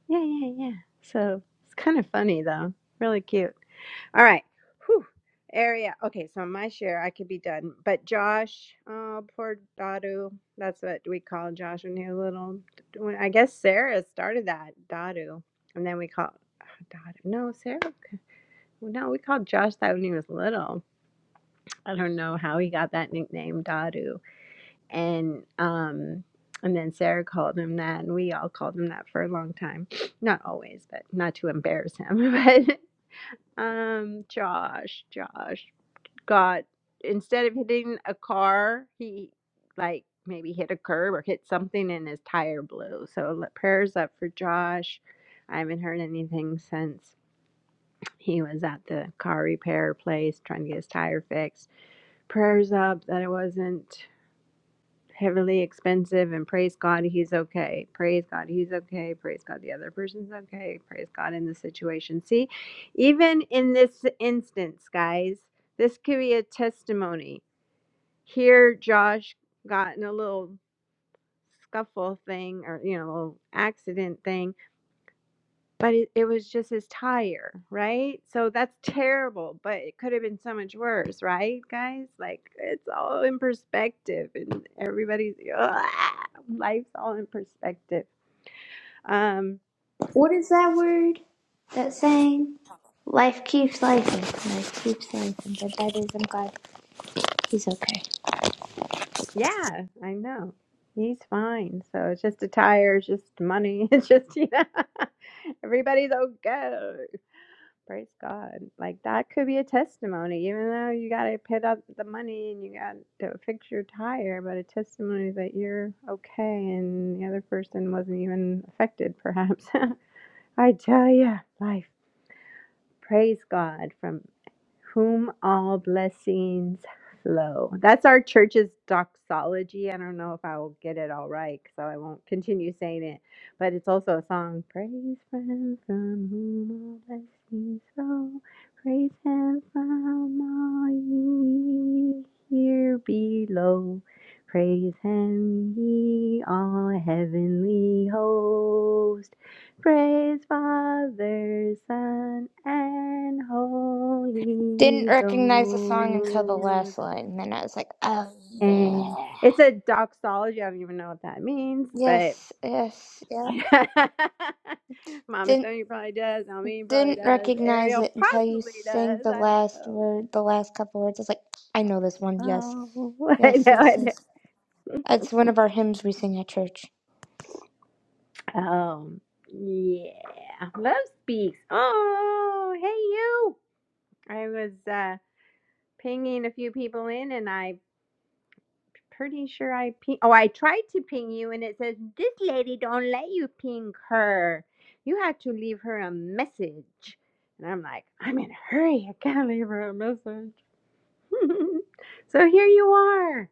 Speaker 1: yeah yeah yeah so it's kind of funny though really cute All right. Whew. Area. Okay, so my share, I could be done. But Josh, oh, poor Dadu. That's what we call Josh when he was little. When- I guess Sarah started that, Dadu. And then we call oh, Dadu. No, Sarah. No, we called Josh that when he was little. I don't know how he got that nickname, Dadu. And, um, and then Sarah called him that, and we all called him that for a long time. Not always, but not to embarrass him. <laughs> But um, Josh, Josh got instead of hitting a car, he like maybe hit a curb or hit something and his tire blew. So let- prayers up for Josh. I haven't heard anything since he was at the car repair place trying to get his tire fixed. Prayers up that it wasn't heavily expensive and praise God he's okay. Praise God he's okay. Praise God the other person's okay. Praise God in the situation. See, even in this instance, guys, this could be a testimony here Josh got in a little scuffle thing or you know accident thing but it, it was just his tire right so that's terrible but it could have been so much worse right guys like it's all in perspective and everybody's <laughs> life's all in perspective um
Speaker 2: What is that word? That saying? Life keeps life. Life keeps life. But that is. I'm glad he's okay.
Speaker 1: yeah i know he's fine so it's just a tire it's just money <laughs> it's just you know <laughs> everybody's okay Praise God. Like that could be a testimony, even though you got to pay up the money and you got to fix your tire, but a testimony that you're okay and the other person wasn't even affected, perhaps. <laughs> I tell you, life. Praise God from whom all blessings flow. That's our church's doxology. I don't know if I will get it all right, so I won't continue saying it. But it's also a song. Praise Him from whom all blessings flow. Praise Him from all ye here below. Praise Him, ye all heavenly hosts. Praise Father, Son, and
Speaker 2: Didn't
Speaker 1: Holy
Speaker 2: recognize the song until the
Speaker 1: Ghost.
Speaker 2: last line, and then I was like, oh
Speaker 1: And
Speaker 2: yeah.
Speaker 1: it's a doxology. I don't even know what that means, but
Speaker 2: Yes. Yes. Yep.
Speaker 1: <laughs> Mama
Speaker 2: Didn't
Speaker 1: Sonia probably does. Almeen probably
Speaker 2: Didn't
Speaker 1: does.
Speaker 2: recognize
Speaker 1: Ariel
Speaker 2: it until you
Speaker 1: possibly
Speaker 2: sang
Speaker 1: does.
Speaker 2: the
Speaker 1: I don't
Speaker 2: last
Speaker 1: know.
Speaker 2: word, the last couple words. I was like, I know this one. Yes.
Speaker 1: Oh, <laughs> I
Speaker 2: Yes,
Speaker 1: know.
Speaker 2: yes,
Speaker 1: I
Speaker 2: yes. It's one of our hymns we sing at church.
Speaker 1: know. Um, yeah. Love speaks. Oh, hey you. I was uh pinging a few people in, and I Pretty sure I ping. Oh, I tried to ping you, and it says this lady don't let you ping her. You have to leave her a message. And I'm like, I'm in a hurry. I can't leave her a message. <laughs> so here you are.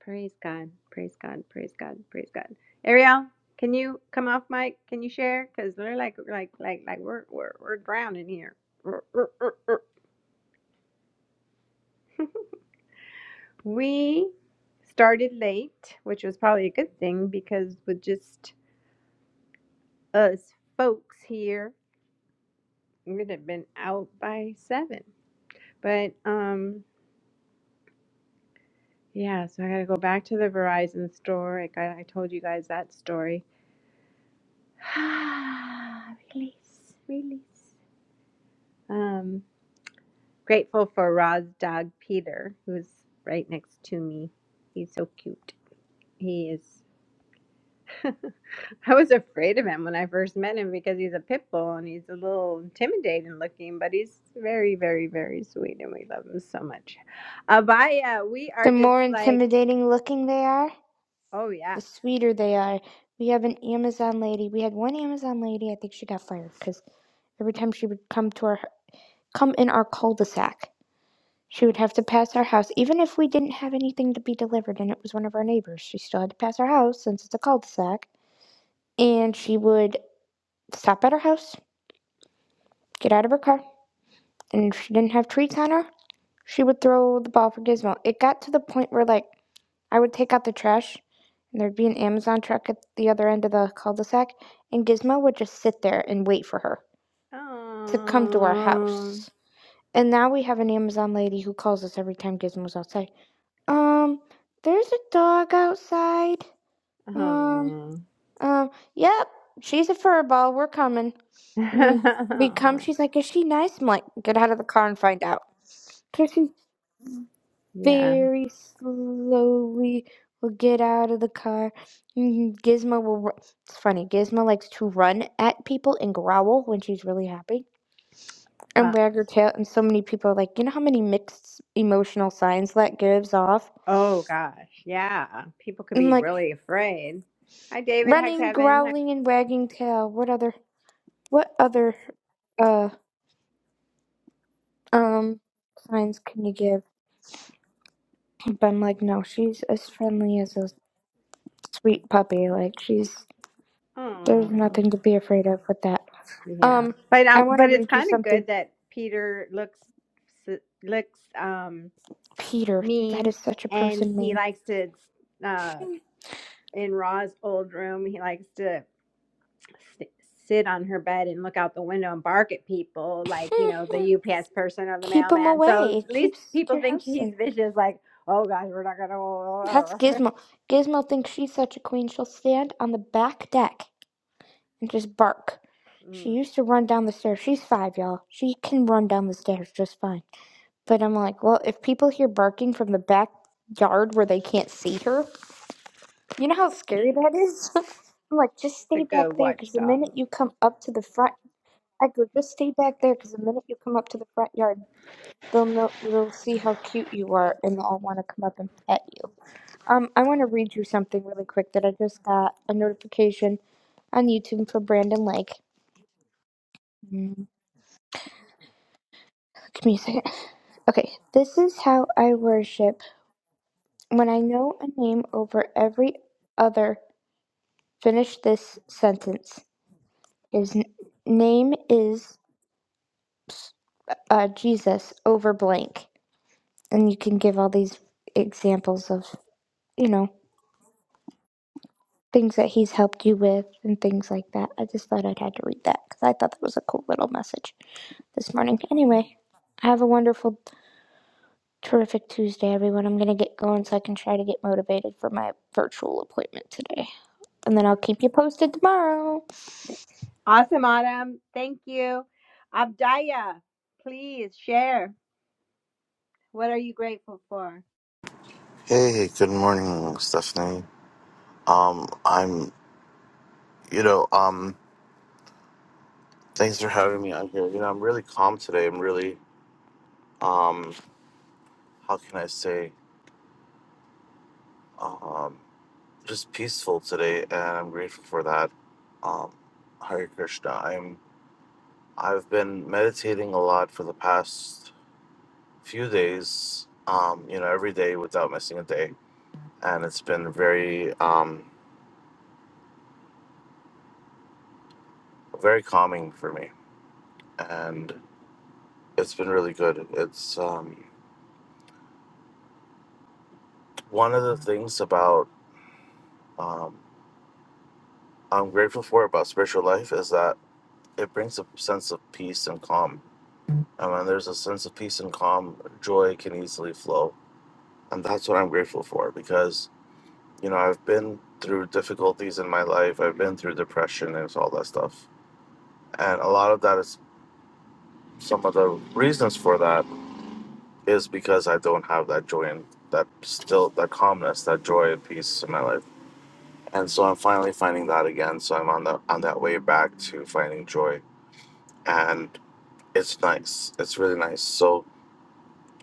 Speaker 1: Praise God. Praise God. Praise God. Praise God. Ariel, can you come off mic? Can you share? Cause we're like, like, like, like we're we're we're drowning here. <laughs> We started late, which was probably a good thing because with just us folks here It would have been out by seven. But um, yeah, so I got to go back to the Verizon store. Like, I got, I told you guys that story. <sighs> release, release. Um, grateful for Roz's dog Peter, who's right next to me. He's so cute. He is. <laughs> I was afraid of him when I first met him because he's a pit bull and he's a little intimidating looking, but he's very, very, very sweet and we love him so much. Abaya, we
Speaker 2: The
Speaker 1: are just
Speaker 2: more
Speaker 1: like,
Speaker 2: intimidating looking they are,
Speaker 1: oh yeah.
Speaker 2: the sweeter they are. We have an Amazon lady. We had one Amazon lady. I think she got fired because every time she would come to our come in our cul-de-sac, she would have to pass our house, even if we didn't have anything to be delivered and it was one of our neighbors. She still had to pass our house since it's a cul-de-sac, and she would stop at her house, get out of her car, and if she didn't have treats on her, she would throw the ball for Gizmo. It got to the point where, like, I would take out the trash, and there'd be an Amazon truck at the other end of the cul de sac, and Gizmo would just sit there and wait for her to come to our
Speaker 1: Oh,
Speaker 2: house. And now we have an Amazon lady who calls us every time Gizmo's outside. Um, there's a dog outside. Um,
Speaker 1: oh.
Speaker 2: Um, yep, she's a furball. We're coming. And we we come.
Speaker 1: <laughs>
Speaker 2: She's like, is she nice? I'm like, get out of the car and find out. So she
Speaker 1: yeah.
Speaker 2: very slowly will get out of the car. and Gizmo will. ru- It's funny. Gizmo likes to run at people and growl when she's really happy and
Speaker 1: Uh,
Speaker 2: wag her tail. And so many people are like, you know how many mixed emotional signs that gives off?
Speaker 1: oh gosh. Yeah. People could
Speaker 2: And
Speaker 1: be
Speaker 2: like
Speaker 1: really afraid. Hi, David. Hi,
Speaker 2: running,
Speaker 1: Kevin.
Speaker 2: growling, and wagging tail. What other? What other? uh, um signs can you give but i'm like no she's as friendly as a sweet puppy like she's there's
Speaker 1: Hi.
Speaker 2: nothing to be afraid of with that
Speaker 1: Yeah,
Speaker 2: um
Speaker 1: but
Speaker 2: i
Speaker 1: um,
Speaker 2: want to
Speaker 1: but it's
Speaker 2: read you
Speaker 1: kind of
Speaker 2: something
Speaker 1: good that Peter looks s- looks um
Speaker 2: peter that
Speaker 1: mean,
Speaker 2: is such a
Speaker 1: and
Speaker 2: person
Speaker 1: he
Speaker 2: name
Speaker 1: likes to uh in Ra's old room. He likes to s sit on her bed and look out the window and bark at people, like you know
Speaker 2: <laughs>
Speaker 1: the UPS person or the
Speaker 2: keep him
Speaker 1: mailman.
Speaker 2: away
Speaker 1: So
Speaker 2: it
Speaker 1: at least
Speaker 2: keeps
Speaker 1: people
Speaker 2: your
Speaker 1: think
Speaker 2: house safe
Speaker 1: he's vicious. Like, oh God, we're not
Speaker 2: that's
Speaker 1: gonna. <laughs>
Speaker 2: gizmo gizmo thinks she's such a queen she'll stand on the back deck and just bark she
Speaker 1: Mm,
Speaker 2: used to run down the stairs she's five y'all she can run down the stairs just fine But I'm like, well, if people hear barking from the backyard where they can't see her, you know how scary that is? <laughs> I'm like, just
Speaker 1: it's a
Speaker 2: stay back
Speaker 1: good
Speaker 2: there because the minute
Speaker 1: watchdog.
Speaker 2: you come up to the front, I go, just stay back there because the minute you come up to the front yard, they'll know, they'll see how cute you are and they'll all want to come up and pet you. Um, I want to read you something really quick that I just got a notification on YouTube for Brandon Lake. Mm, Give me a second. Okay, this is how I worship. When I know a name over every other Finish this sentence. His n- name is uh, Jesus over blank. And you can give all these examples of, you know, things that he's helped you with and things like that. I just thought I'd had to read that because I thought that was a cool little message this morning. Anyway, have a wonderful, terrific Tuesday, everyone. I'm going to get going so I can try to get motivated for my virtual appointment today. And then I'll keep you posted tomorrow.
Speaker 1: Awesome, Autumn. Thank you, Abdaya. Please share. What are you grateful for?
Speaker 6: Hey, good morning, Stephanie. Um, I'm, you know, um, thanks for having me on here. You know, I'm really calm today. I'm really, um, how can I say, um, just peaceful today, and I'm grateful for that. Um, Hare Krishna. I'm, I've been meditating a lot for the past few days. Um, you know, every day without missing a day, and it's been very, um, very calming for me, and it's been really good. It's, um one of the things about um, I'm grateful for about spiritual life is that it brings a sense of peace and calm. And when there's a sense of peace and calm, joy can easily flow. And that's what I'm grateful for because, you know, I've been through difficulties in my life, I've been through depression and all that stuff. And a lot of that is some of the reasons for that is because I don't have that joy and that still, that calmness, that joy and peace in my life and so I'm finally finding that again. So I'm on the on that way back to finding joy, and it's nice. It's really nice. So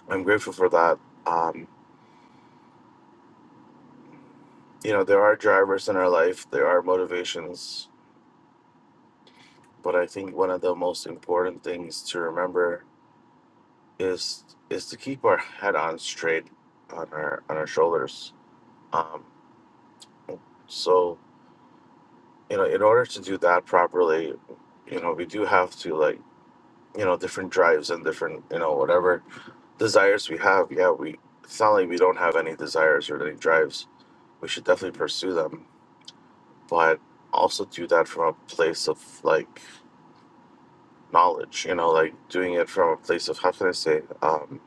Speaker 6: I'm grateful for that. Um, you know, there are drivers in our life. There are motivations, but I think one of the most important things to remember is is to keep our head on straight on our on our shoulders. Um, so you know, in order to do that properly, you know, we do have to like you know different drives and different you know whatever desires we have, yeah, we it's not like we don't have any desires or any drives. We should definitely pursue them, but also do that from a place of like knowledge, you know, like doing it from a place of how can I say, um,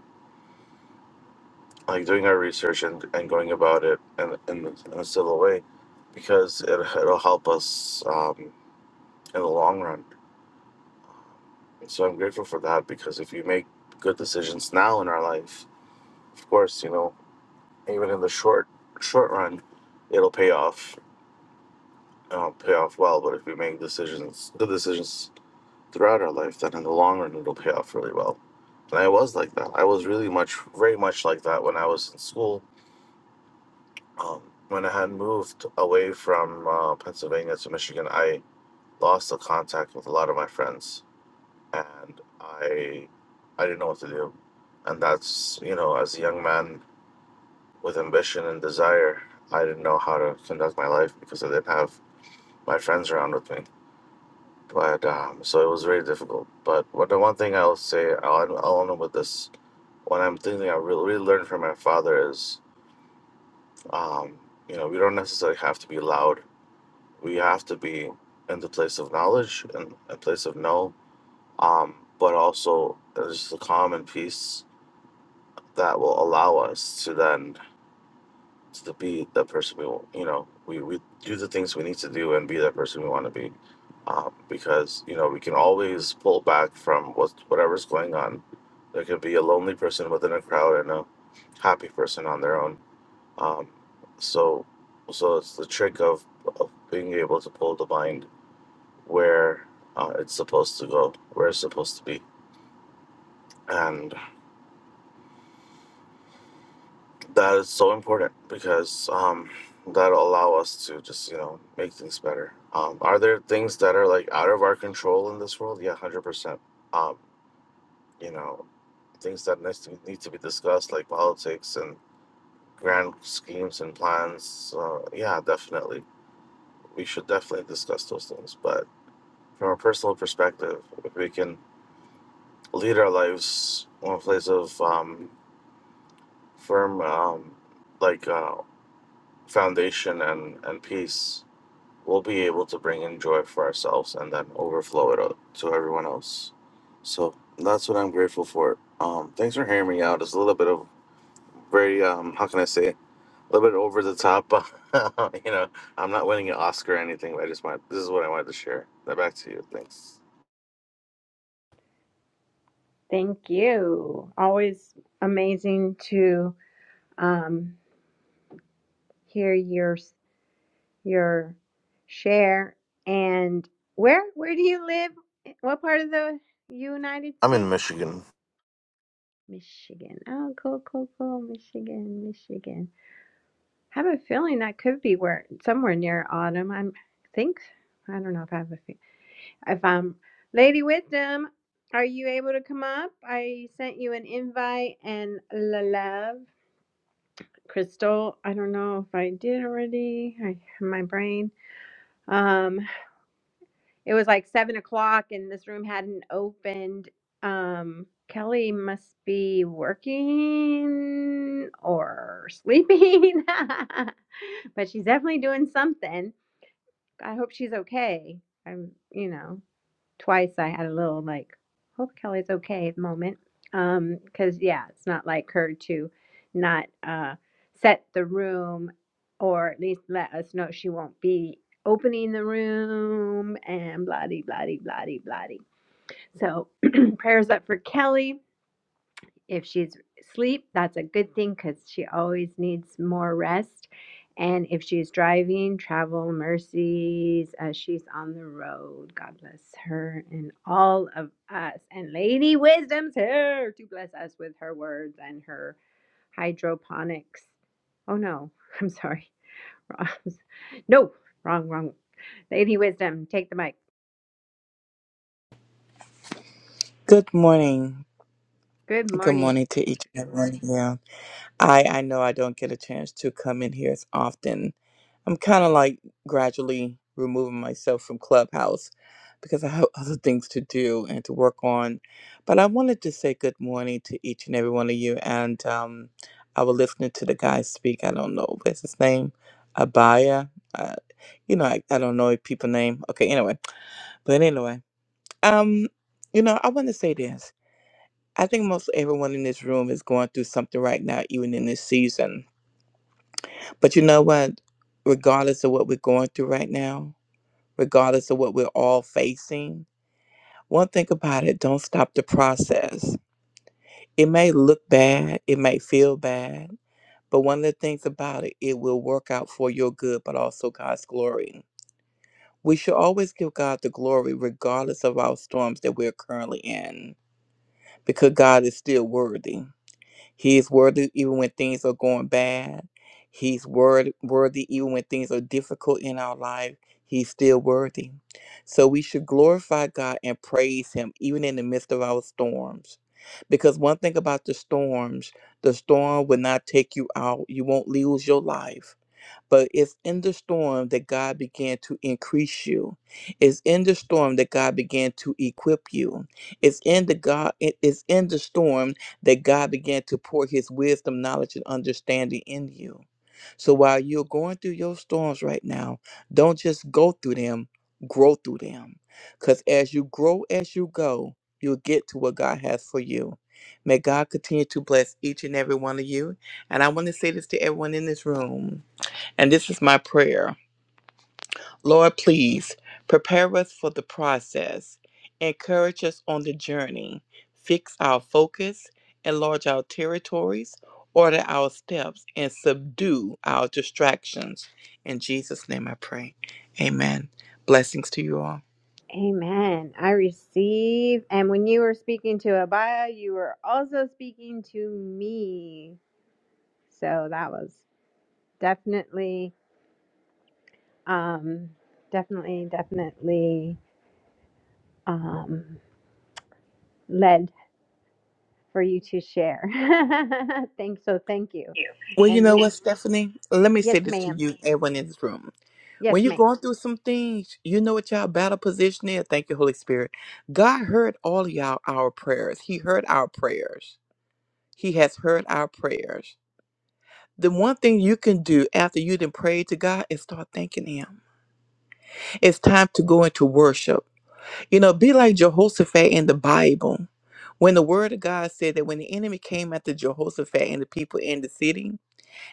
Speaker 6: like doing our research and, and going about it in, in, in a civil way because it, it'll help us um, in the long run. So I'm grateful for that because if you make good decisions now in our life, of course, you know, even in the short short run, it'll pay off it pay off well. But if we make decisions, the decisions throughout our life, then in the long run, it'll pay off really well. And I was like that. I was really much, very much like that when I was in school. Um, when I had moved away from uh, Pennsylvania to Michigan, I lost the contact with a lot of my friends, and I, I didn't know what to do. And that's you know, as a young man with ambition and desire, I didn't know how to conduct my life because I didn't have my friends around with me But um, so it was very difficult. But what the one thing I'll say, I'll end- I'll end up with this. What I'm thinking I really, really learned from my father is, um, you know, we don't necessarily have to be loud. We have to be in the place of knowledge and a place of know. Um, but also there's the calm and peace that will allow us to then to be the person we want. You know, we, we do the things we need to do and be that person we want to be. Um, because you know we can always pull back from what whatever's going on. There can be a lonely person within a crowd and a happy person on their own. Um, so, so it's the trick of, of being able to pull the mind where uh, it's supposed to go, where it's supposed to be, and That is so important because um, that'll allow us to just you know make things better. Um, are there things that are like out of our control in this world? Yeah, hundred percent. Um, you know, things that needs to be, need to be discussed like politics and grand schemes and plans. Uh, yeah, definitely. We should definitely discuss those things. But from a personal perspective, if we can lead our lives on a place of um, firm, um, like uh, foundation and and peace we'll be able to bring in joy for ourselves and then overflow it out to everyone else. So that's what I'm grateful for. Um, thanks for hearing me out. It's a little bit of very um, how can I say a little bit over the top. <laughs> you know, I'm not winning an Oscar or anything, but I just want this is what I wanted to share. Now back to you. Thanks.
Speaker 1: Thank you. Always amazing to um, hear your your share. And where where do you live? What part of the United
Speaker 6: I'm in
Speaker 1: States?
Speaker 6: Michigan.
Speaker 1: Michigan. Oh, cool, cool, cool. Michigan, Michigan. I have a feeling that could be where somewhere near autumn. I'm think I don't know if I have a fe- If I'm Lady Wisdom, are you able to come up? I sent you an invite and la love. Crystal, I don't know if I did already. I my brain. Um, it was like seven o'clock and this room hadn't opened. Um, Kelly must be working or sleeping, <laughs> but she's definitely doing something. I hope she's okay. I'm, you know. twice I had a little like, hope Kelly's okay at the moment. because yeah, it's not like her to not uh set the room or at least let us know she won't be opening the room and bloody bloody bloody bloody. So <clears throat> prayers up for Kelly if she's asleep, that's a good thing because she always needs more rest. And if she's driving, travel mercies as she's on the road. God bless her and all of us. And Lady Wisdom's here to bless us with her words and her hydroponics. Oh no, I'm sorry. <laughs> no, wrong, wrong. Lady Wisdom, take the mic.
Speaker 7: Good morning.
Speaker 1: Good
Speaker 7: Good
Speaker 1: morning.
Speaker 7: morning to each and every one of you. I, I know I don't get a chance to come in here as often. I'm kind of like gradually removing myself from Clubhouse because I have <laughs> other things to do and to work on. But I wanted to say good morning to each and every one of you. And um, I was listening to the guy speak. I don't know what's his name, Abaya. Uh, you know, I, I don't know people name. Okay, anyway. But anyway, um, you know, I want to say this. I think most everyone in this room is going through something right now, even in this season. But you know what? Regardless of what we're going through right now, regardless of what we're all facing, one thing about it, don't stop the process. It may look bad, it may feel bad, but one of the things about it, it will work out for your good, but also God's glory. We should always give God the glory, regardless of our storms that we're currently in, because God is still worthy. He's worthy even when things are going bad. He's word, worthy even when things are difficult in our life. He's still worthy. So we should glorify God and praise Him even in the midst of our storms. Because one thing about the storms, the storm will not take you out. You won't lose your life but it's in the storm that God began to increase you. It's in the storm that God began to equip you. It's in the God it is in the storm that God began to pour his wisdom, knowledge, and understanding in you. So while you're going through your storms right now, don't just go through them, grow through them. Because as you grow as you go, you'll get to what God has for you. May God continue to bless each and every one of you. And I want to say this to everyone in this room. And this is my prayer Lord, please prepare us for the process, encourage us on the journey, fix our focus, enlarge our territories, order our steps, and subdue our distractions. In Jesus' name I pray. Amen. Blessings to you all.
Speaker 1: Amen. I receive. And when you were speaking to Abaya, you were also speaking to me. So that was definitely, um, definitely, definitely um, led for you to share. <laughs> Thanks. So thank you.
Speaker 7: Well, you
Speaker 1: And
Speaker 7: know
Speaker 1: we,
Speaker 7: what, Stephanie? Let me
Speaker 1: yes,
Speaker 7: say this to
Speaker 1: ma'am.
Speaker 7: you, everyone in this room.
Speaker 1: Yes,
Speaker 7: When you're
Speaker 1: ma'am.
Speaker 7: going through some things, you know what y'all battle position is. Thank you, Holy Spirit. God heard all of y'all our prayers. He heard our prayers. He has heard our prayers. The one thing you can do after you done prayed to God is start thanking Him. It's time to go into worship. You know, be like Jehoshaphat in the Bible. When the word of God said that when the enemy came after Jehoshaphat and the people in the city,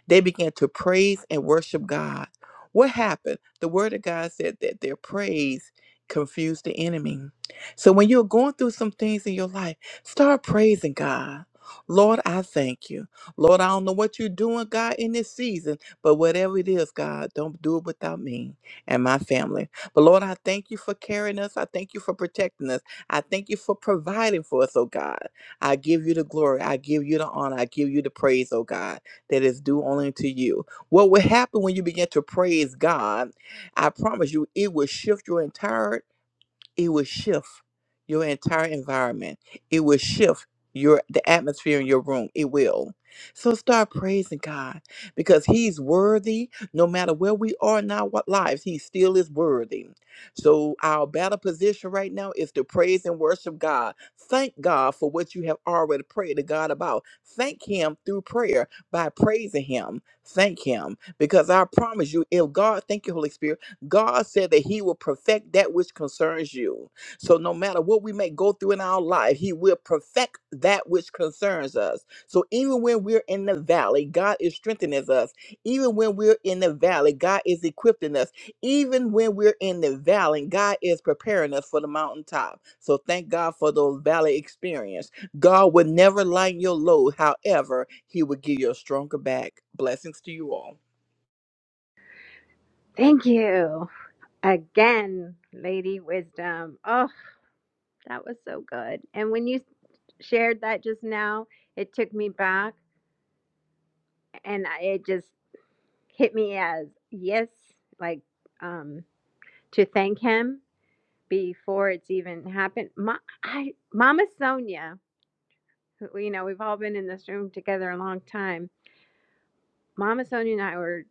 Speaker 7: They began to praise and worship God. What happened? The word of God said that their praise confused the enemy. So when you're going through some things in your life, start praising God. Lord, I thank you. Lord, I don't know what you're doing, God, in this season, but whatever it is, God, don't do it without me and my family. But Lord, I thank you for carrying us. I thank you for protecting us. I thank you for providing for us, oh God. I give you the glory. I give you the honor. I give you the praise, oh God that is due only to you. What will happen when you begin to praise God? I promise you, it will shift your entire it will shift your entire environment. It will shift your the atmosphere in your room. It will. So start praising God because He's worthy. No matter where we are in our wa- lives, He still is worthy. So our battle position right now is to praise and worship God. Thank God for what you have already prayed to God about. Thank Him through prayer by praising Him. Thank Him because I promise you, if God, thank you, Holy Spirit. God said that He will perfect that which concerns you. So no matter what we may go through in our life, He will perfect that which concerns us. So even when we're in the valley, God is strengthening us. Even when we're in the valley, God is equipping us. Even when we're in the valley, God is preparing us for the mountaintop. So thank God for those valley experience. God will never lighten your load. However, He will give you a stronger back. Blessings to you all.
Speaker 1: Thank you again, Lady Wisdom. Oh, that was so good. And when you shared that just now, it took me back and I- it just hit me as yes like um to thank him before it's even happened Ma- I, mama sonia who, you know we've all been in this room together a long time mama sonia and i were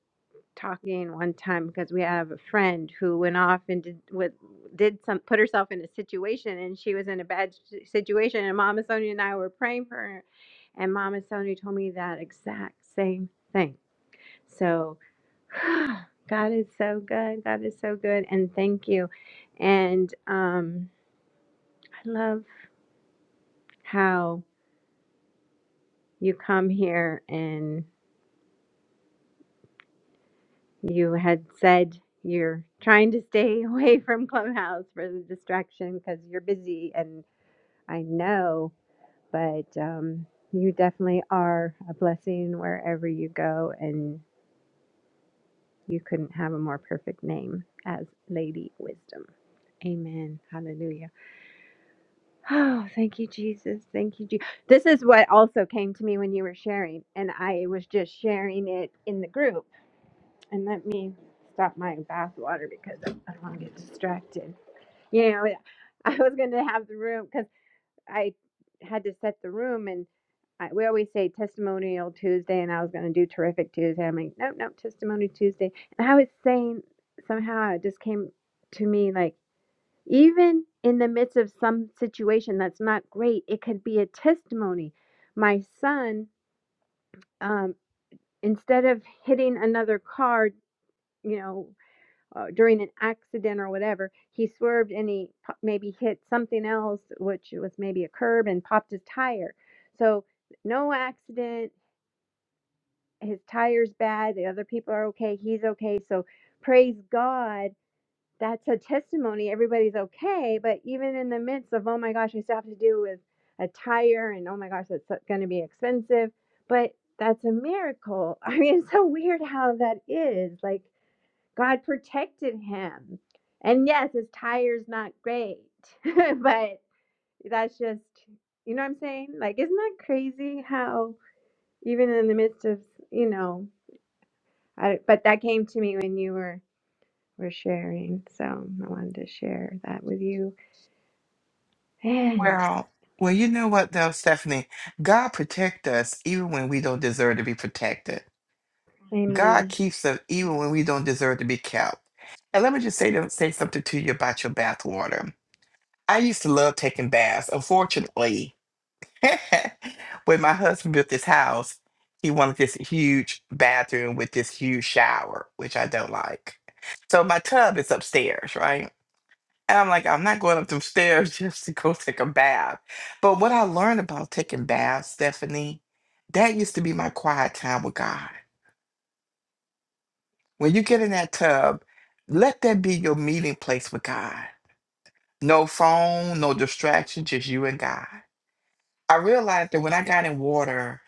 Speaker 1: talking one time because we have a friend who went off and did with did some put herself in a situation and she was in a bad s- situation and mama sonia and i were praying for her and mama sonia told me that exact same thing so <gasps> <sighs> God is so good. God is so good. And thank you. And um, I love how you come here and you had said you're trying to stay <laughs> away from Clubhouse for the distraction because you're busy. And I know, but um, you definitely are a blessing wherever you go. And you couldn't have a more perfect name as Lady Wisdom. Amen. Hallelujah. Oh, thank you, Jesus. Thank you, Jesus. This is what also came to me when you were sharing, and I was just sharing it in the group. And let me stop my bath water because I I don't want to get distracted. You know, I was going to have the room because I had to set the room, and I, we always say Testimonial Tuesday, and I was going to do Terrific Tuesday. I'm like, nope, nope, Testimony Tuesday. And I was saying somehow it just came to me like, even in the midst of some situation that's not great, it could be a testimony. My son, um, instead of hitting another car, you know, uh, during an accident or whatever, he swerved and he po- maybe hit something else, which was maybe a curb and popped his tire. So, no accident. His tire's bad. The other people are okay. He's okay. So, praise God that's a testimony everybody's okay but even in the midst of oh my gosh i still have to deal with a tire and oh my gosh that's going to be expensive but that's a miracle <laughs> i mean it's so weird how that is like god protected him and yes his tire's not great <laughs> but that's just you know what i'm saying like isn't that crazy how even in the midst of you know I, but that came to me when you were were sharing so i wanted to share that with you And
Speaker 7: Well, well, you know what though, Stephanie? God protect us even when we don't detect it. God
Speaker 1: amen.
Speaker 7: keeps us even when we don't deserve to be kept. And let me just say to, say something to you about your bath water. I used to love taking baths. Unfortunately, <laughs> when my husband built this house, he wanted this huge bathroom with this huge shower, which I don't like. So my tub is upstairs, right? And I'm like, I'm not going up them stairs <laughs> just to go take a bath. But what I learned about taking baths, Stephanie, that used to be my quiet time with God. When you get in that tub, let that be your meeting place with God. No phone, no distraction, just you and God. I realized that when I got in water,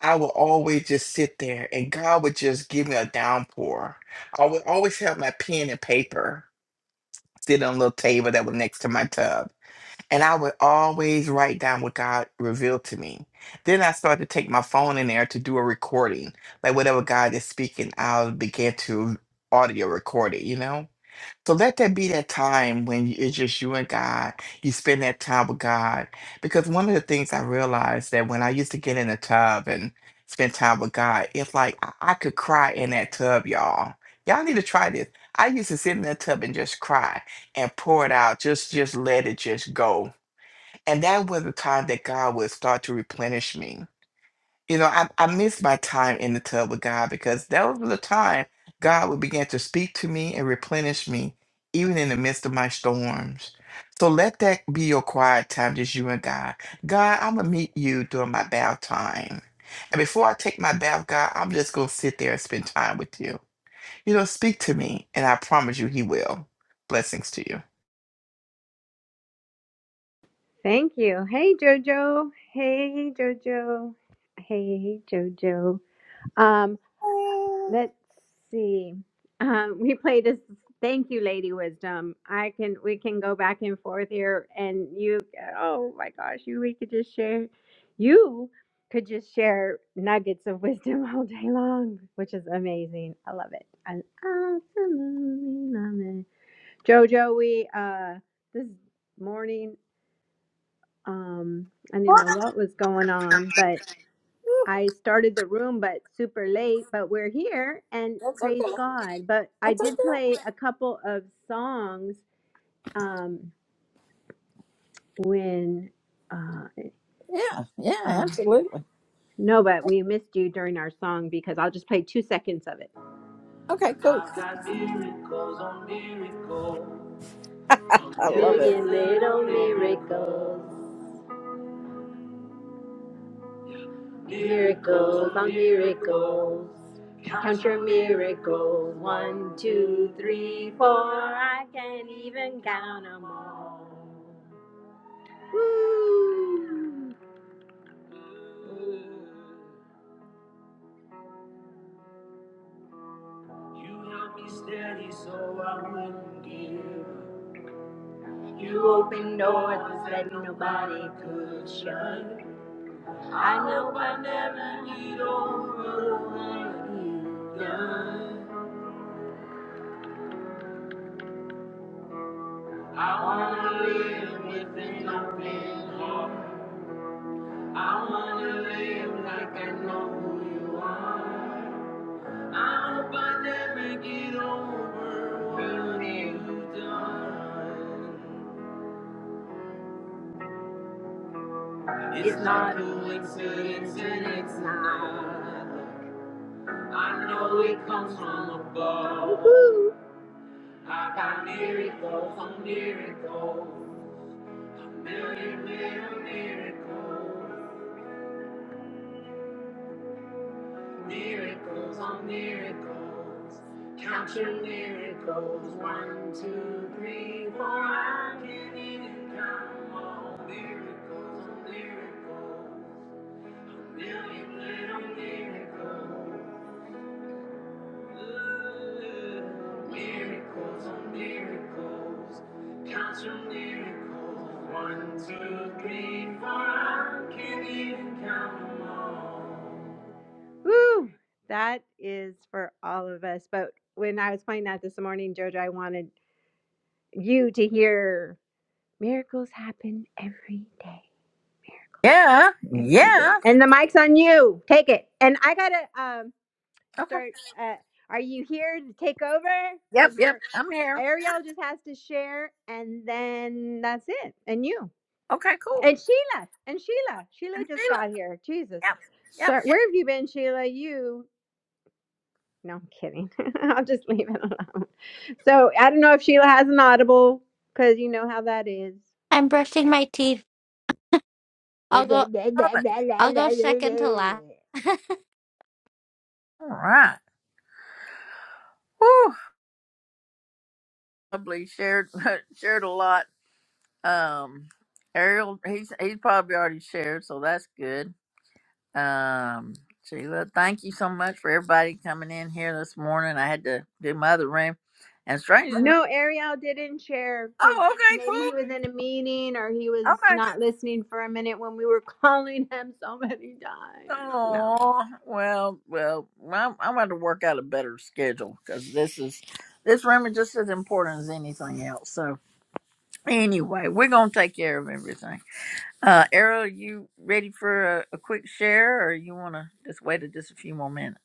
Speaker 7: I would always just sit there and God would just give me a downpour. I would always have my pen and paper sitting on a little table that was next to my tub And I would always write down what God revealed to me. Then I started to take my phone in there to do a recording. Like whatever God is speaking, I'll begin to audio record it, you know? So let that be that time when you- it's just you and God. You spend that time with God. Because one of the things I realized that when I used to get in the tub and spend time with God, it's like I I could cry in that tub, y'all. Y'all need to try this. I used to sit in that tub and just cry and pour it out. Just just let it just go and that was the time that God would start to replenish me. You know, I, I missed my time in the tub with God because that was the time God would begin to speak to me and replenish me, even in the midst of my storms. So let that be your quiet time, just you and God. God, I'm going to meet you during my bath time. And before I take my bath, God, I'm just going to sit there and spend time with you. You know, speak to me, and I promise you, He will. Blessings to you.
Speaker 1: Thank you. Hey, Jojo. Hey, Jojo. Hey, Jojo. Um,
Speaker 8: What?
Speaker 1: let's see. Um, we played this. Thank you, Lady Wisdom. I can. We can go back and forth here, and you. Oh my gosh, you. We could just share. You could just share nuggets of wisdom <laughs> all day long, which is amazing. I love it. I absolutely love it. Jojo, we uh this morning. um i didn't know what was going on but i started the room but super late but we're here and
Speaker 8: That's
Speaker 1: praise
Speaker 8: okay.
Speaker 1: god but i
Speaker 8: That's
Speaker 1: did
Speaker 8: okay.
Speaker 1: play a couple of songs um when uh, uh
Speaker 8: Absolutely.
Speaker 1: no but we missed you during our song because i'll just play two seconds of it
Speaker 8: Okay, cool.
Speaker 1: i've got miracles on miracles a
Speaker 8: I love it.
Speaker 1: million little miracles miracles on miracles Count your miracles. One, two, three, four. I can't even count 'em all. Woo! You held me steady so I wouldn't give. You opened doors that nobody could shut. I know I never need over what you've done. I wanna live with an open heart. I wanna live like I know who you are. i hope I never get over what you've done. It's, It's not not coincidence and it's not. I know it comes from above. Woo-hoo. I got miracles on miracles, a million little miracles. Miracles on miracles. Count your miracles. One, two, three, four. I can't even count all miracles on miracles. A million little miracles. Ooh, miracles on miracles. Count your miracles. One, two, three, four. I can't even count them all. Woo! That is for all of us. But when I was playing that this morning, Jojo, I wanted you to hear miracles happen every day. And the mic's on you. Take it. And I gotta um
Speaker 8: Okay,
Speaker 1: start. Uh, are you here to take over? Because we're
Speaker 8: Carol.
Speaker 1: Ariel just has to share, and then that's it. And you
Speaker 8: Okay, cool.
Speaker 1: and Sheila and Sheila. Sheila
Speaker 8: And
Speaker 1: just
Speaker 8: Sheila.
Speaker 1: got here. Jesus,
Speaker 8: Yep. Yep.
Speaker 1: sorry.
Speaker 8: Yep.
Speaker 1: Where have you been, Sheila? You? No, I'm kidding. <laughs> I'll just leave it alone. So I don't know if Sheila has an audible because you know how that is.
Speaker 9: I'm brushing my teeth. I'll go
Speaker 8: Love it.
Speaker 9: I'll go second to last. <laughs>
Speaker 8: All right. Whew. Probably shared <laughs> shared a lot. Um Ariel, he's he's probably already shared, so that's good. Um Sheila, thank you so much for everybody coming in here this morning. I had to do my other room. And strangely enough,
Speaker 1: No, Ariel didn't share because
Speaker 8: oh, okay,
Speaker 1: maybe he
Speaker 8: cool.
Speaker 1: was in a meeting or he was
Speaker 8: Okay.
Speaker 1: not listening for a minute when we were <laughs> calling him so many times. No.
Speaker 8: Oh well, well, I'm, I'm going to work out a better schedule because this is this room is just as important as anything else. So anyway, we're gonna take care of everything. Uh, Arrow, you ready for a, a quick share, or you want to just wait a, just a few more minutes?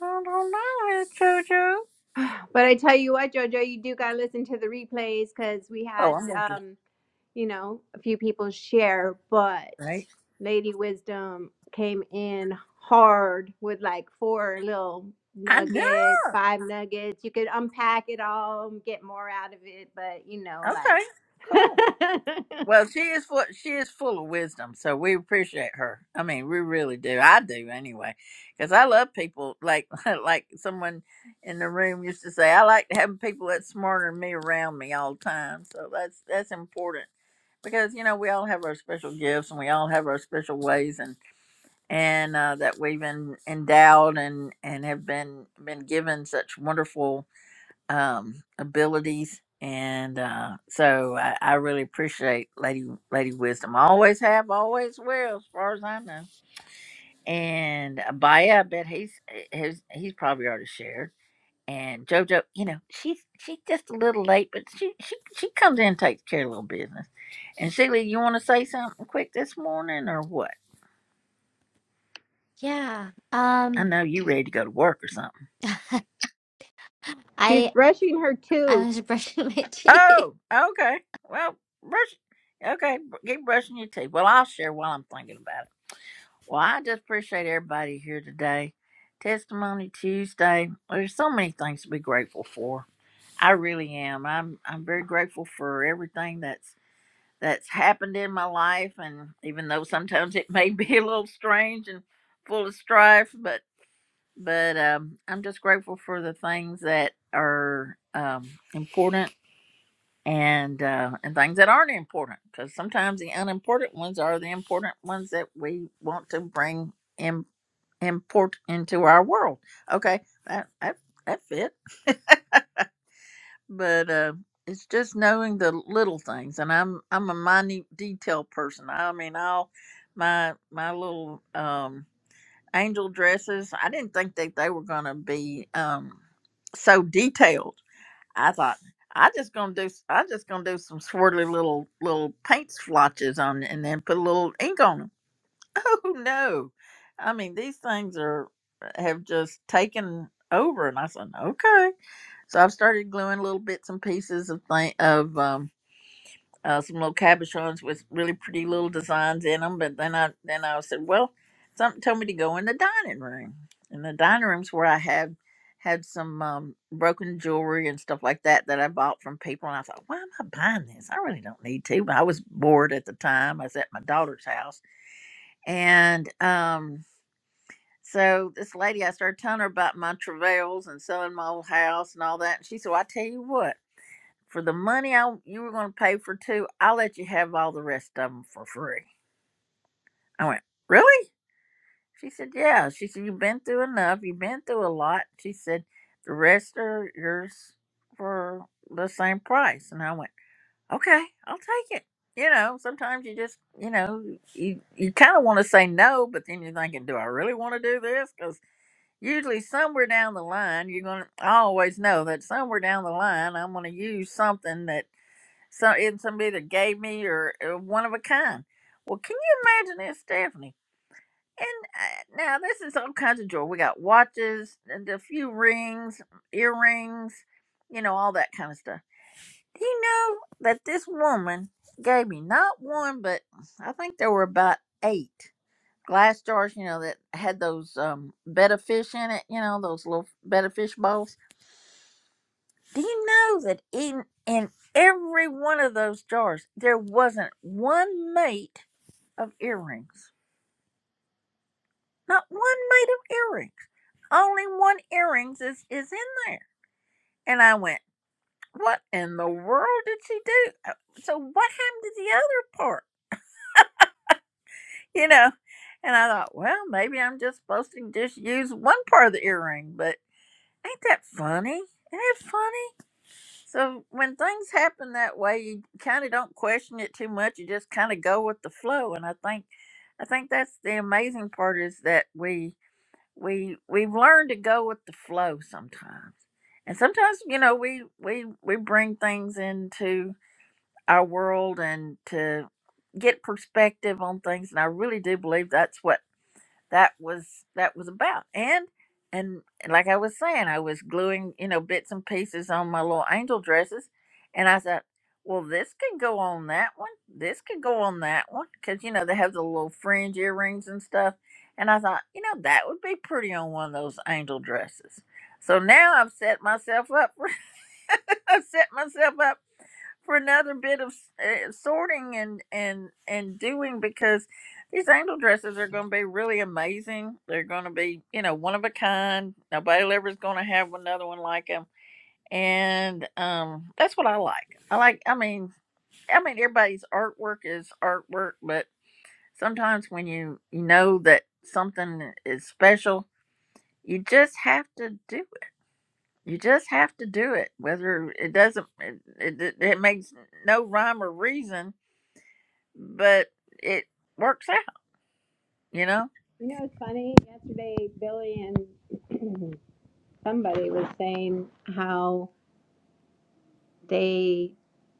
Speaker 8: I don't know, Miss Jojo.
Speaker 1: <sighs> But I tell you what, Jojo, you do got to listen to the replays because we
Speaker 8: Oh,
Speaker 1: had
Speaker 8: I'm gonna do
Speaker 1: um, you know, a few people share, but
Speaker 8: it, right.
Speaker 1: Lady Wisdom came in hard with like four little
Speaker 8: I know.
Speaker 1: nuggets, five nuggets. You could unpack it all, and get more out of it, but you know, like
Speaker 8: Okay, cool. Well, she is full, she is full of wisdom, so we appreciate her. I mean, we really do. I do anyway, because I love people like <laughs> like someone in the room used to say. I like having people that's smarter than me around me all the time. So that's that's important because you know we all have our special gifts and we all have our special ways and and uh, that we've been endowed and and have been been given such wonderful um, abilities, and uh, so I, I really appreciate Lady Lady Wisdom. I Always have, always will, as far as I know. And uh, Baya, I bet he's he's he's probably already shared. And JoJo, you know, she's she's just a little late, but she she she comes in and takes care of a little business. And Sheila, you want to say something quick this morning or what?
Speaker 9: yeah.
Speaker 8: I
Speaker 9: Um
Speaker 8: know you ready to go to work or something.
Speaker 1: <laughs> she's
Speaker 9: I
Speaker 1: brushing her
Speaker 9: I
Speaker 1: tooth.
Speaker 9: was <laughs> brushing my teeth.
Speaker 8: Oh, okay. Well, brush. Okay, br- keep brushing your teeth. Well, I'll share while I'm thinking about it. Well, I just appreciate everybody here today. Testimony Tuesday. There's so many things to be grateful for. I really am. I'm I'm very grateful for everything that's that's happened in my life and even though sometimes it may be <laughs> a little strange and full of strife, but but um, I'm just grateful for the things that are um, important and uh, and things that aren't important because sometimes the unimportant ones are the important ones that we want to bring import into our world. Okay, that that that fit. But uh, it's just knowing the little things, and I'm I'm a minute detail person. I mean, all my my little um, angel dresses. I didn't think that they were gonna be um, so detailed. I thought. I just gonna do. I just gonna do some swirly little little paint splotches on, it and then put a little ink on 'em. <laughs> oh no i mean these things are uh, have just taken over and i said okay so i've started gluing little bits and pieces of thing of um uh, some little cabochons with really pretty little designs in them but then i then i said well something told me to go in the dining room and the dining room's where i had had some um, broken jewelry and stuff like that that I bought from people, and I thought, why am I buying this? I really don't need to. But I was bored at the time. I was at my daughter's house, and um so this lady, I started telling her about my travails and selling my old house and all that. And she said, well, I tell you what, for the money I, you were going to pay for two, I'll let you have all the rest of them for free. I went, really? She said, yeah. She said, you've been through enough. You've been through a lot. She said, the rest are yours for the same price. And I went, okay, I'll take it. You know, sometimes you just, you know, you, you kind of want to say no, but then you're thinking, do I really want to do this? 'Cause usually somewhere down the line you're gonna I always know that somewhere down the line I'm gonna use something that some in somebody that gave me or, or one of a kind. Well, can you imagine this, Stephanie? And uh, now this is all kinds of jewelry. We got watches and a few rings, earrings, you know, all that kind of stuff. Do you know that this woman gave me not one, but I think there were about eight glass jars, you know, that had those um, betta fish in it, you know, those little betta fish bowls. Do you know that in in every one of those jars there wasn't one mate of earrings? Not one mate of earrings. Only one earrings is is in there. And I went, what in the world did she do? Uh, So what happened to the other part? You know. And I thought, well, maybe I'm just supposed to just use one part of the earring, but. Ain't that funny? Ain't that funny? So when things happen that way, you kind of don't question it too much. You just kind of go with the flow. And I think, I think that's the amazing part is that we we we've learned to go with the flow sometimes. And sometimes you know we we we bring things into our world and to get perspective on things. And I really do believe that's what that was that was about and and like i was saying i was gluing you know bits and pieces on my little angel dresses and i thought well this could go on that one this could go on that one because you know they have the little fringe earrings and stuff and i thought you know that would be pretty on one of those angel dresses so now i've set myself up for <laughs> i've set myself up for another bit of uh, sorting and and and doing because these angel dresses are going to be really amazing. They're going to be you know one of a kind. Nobody ever is going to have another one like them, and um, that's what I like. I like. I mean, I mean everybody's artwork is artwork, but sometimes when you you know that something is special, you just have to do it. You just have to do it, whether it doesn't, it, it, it makes no rhyme or reason but it works out, you know?
Speaker 1: You know, it's funny. Yesterday, Billy and <clears throat> somebody was saying how they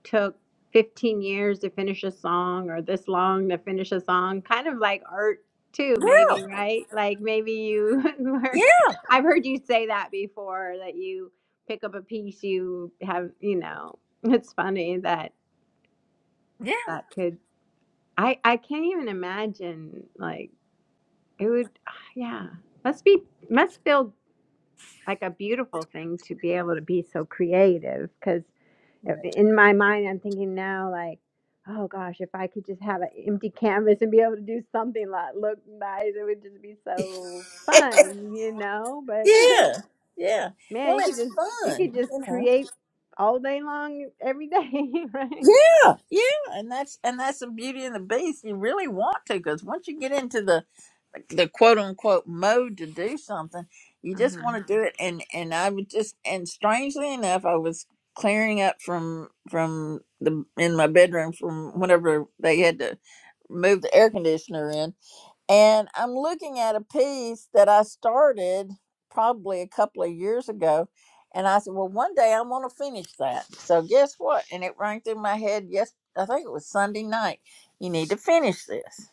Speaker 1: took 15 years to finish a song or this long to finish a song kind of like art too maybe
Speaker 8: Well,
Speaker 1: Mhm. right like maybe you <laughs>
Speaker 8: yeah.
Speaker 1: work i've heard you say that before that you pick up a piece you have you know it's funny that
Speaker 8: Yeah.
Speaker 1: that could i i can't even imagine like it would <sighs> yeah must be must feel like a beautiful thing to be able to be so creative because.
Speaker 8: Right.
Speaker 1: in my mind i'm thinking now like oh gosh if i could just have an empty canvas and be able to do something that looked nice it would just be so
Speaker 8: <laughs>
Speaker 1: fun you know but
Speaker 8: yeah. Yeah.
Speaker 1: <laughs> man
Speaker 8: Well,
Speaker 1: you could
Speaker 8: it's
Speaker 1: just you
Speaker 8: fun,
Speaker 1: could just
Speaker 8: you know.
Speaker 1: create all day long every day <laughs> right
Speaker 8: Yeah, yeah, and that's and that's the beauty of the beast. You really want to because once you get into the the quote unquote mode to do something, you just
Speaker 1: uh-huh
Speaker 8: want to do it. And and I would just and strangely enough, I was clearing up from from the in my bedroom from whenever they had to move the air conditioner in And I'm looking at a piece that I started probably a couple of years ago. And I said, well, one day I'm going to finish that. So guess what? And it rang through my head. Yes, I think it was Sunday night. You need to finish this.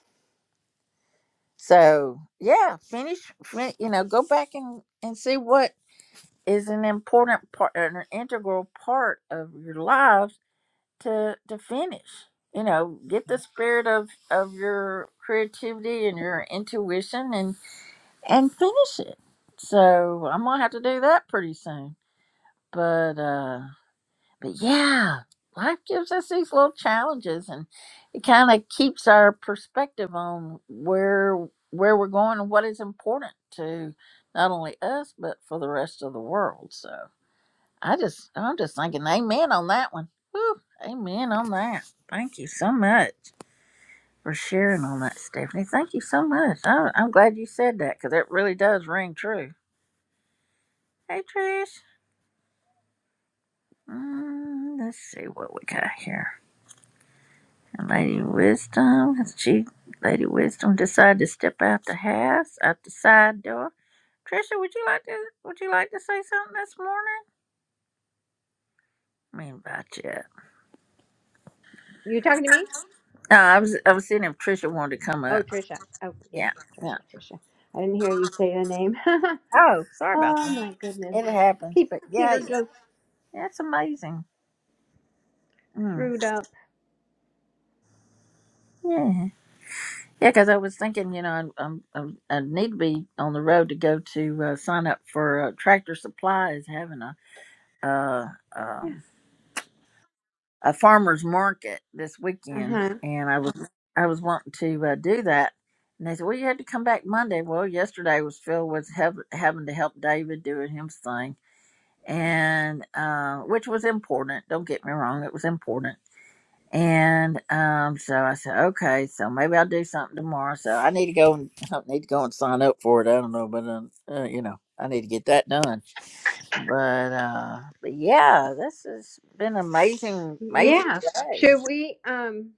Speaker 8: So yeah, finish, fin- you know, go back and, and see what is an important part, an integral part of your lives to, to finish. You know, get the spirit of, of your creativity and your intuition and and finish it. So I'm gonna have to do that pretty soon. But uh but yeah, life gives us these little challenges and it kind of keeps our perspective on where where we're going and what is important to not only us but for the rest of the world. So I just I'm just thinking amen on that one. Whew, amen on that. Thank you so much for sharing on that, Stephanie. Thank you so much. I, I'm glad you said that because it really does ring true Hey, Trish. Mm, let's see what we got here. Lady Wisdom. Has she, Lady Wisdom, decided to step out the house, out the side door? Trisha, would you like to? Would you like to say something this morning? I mean, about yet.
Speaker 1: you talking to me
Speaker 8: No, I was. I was seeing if Trisha wanted to come
Speaker 1: oh
Speaker 8: up.
Speaker 1: trisha oh yes
Speaker 8: Yeah. Yeah.
Speaker 1: trisha trisha i didn't hear you say your name <laughs>
Speaker 8: Oh, sorry about
Speaker 1: oh
Speaker 8: that.
Speaker 1: my goodness
Speaker 8: It happens,
Speaker 1: Pe-
Speaker 8: but yeah,
Speaker 1: peter
Speaker 8: it's,
Speaker 1: just
Speaker 8: it's amazing. Mm,
Speaker 1: threw up
Speaker 8: Yeah. Yeah, because I was thinking, you know, I'm, I'm, I'm, I need to be on the road to go to uh, sign up for uh, Tractor Supply is having a uh, um, a farmers market this weekend,
Speaker 1: uh-huh
Speaker 8: and I was I was wanting to uh, do that, and they said, well, you had to come back Monday. Well, yesterday was filled with hev- having to help David doing his thing, and uh, which was important. Don't get me wrong, it was important and um, so I said, okay, so maybe I'll do something tomorrow. So I need to go and <laughs> I don't need to go and sign up for it. I don't know, but um, uh, you know, I need to get that done. But uh, but yeah, this has been amazing, amazing
Speaker 1: yeah
Speaker 8: day.
Speaker 1: should we um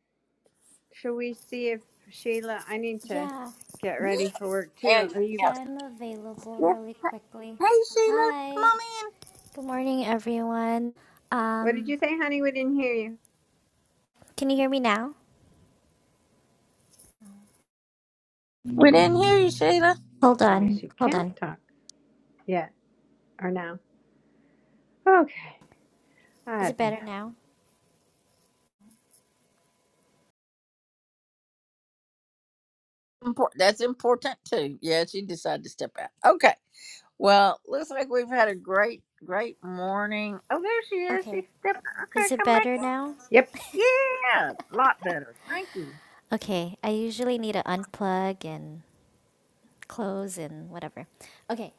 Speaker 1: Should we see if Sheila? I need to
Speaker 9: Yeah.
Speaker 1: get ready for work
Speaker 8: Yeah,
Speaker 1: too. Are you?
Speaker 9: Yeah,
Speaker 8: yeah,
Speaker 9: I'm available
Speaker 8: yeah.
Speaker 9: really
Speaker 8: Hey,
Speaker 9: quickly.
Speaker 8: hey, Sheila, come
Speaker 9: Hi.
Speaker 8: on in.
Speaker 9: Good morning everyone.
Speaker 1: What did
Speaker 9: Um
Speaker 1: you say, honey? We didn't hear you.
Speaker 9: can you hear me now?
Speaker 8: We didn't hear you, Sheila.
Speaker 9: Hold
Speaker 1: Maybe
Speaker 9: on.
Speaker 1: she
Speaker 9: Hold
Speaker 1: can't
Speaker 9: on.
Speaker 1: talk yet or now. Okay, I
Speaker 9: Is it
Speaker 1: don't
Speaker 9: better
Speaker 1: know.
Speaker 9: now?
Speaker 8: Import- that's important too. Yeah, she decided to step out. Okay. Well, looks like we've had a great, great morning. Oh, there she is. She
Speaker 9: Okay.
Speaker 8: stepped.
Speaker 9: Is
Speaker 8: Okay,
Speaker 9: it
Speaker 8: come
Speaker 9: better
Speaker 8: back. in.
Speaker 9: now?
Speaker 1: Yep.
Speaker 8: Yeah, a lot better. Thank you.
Speaker 9: Okay. I usually need to unplug and close and whatever. Okay.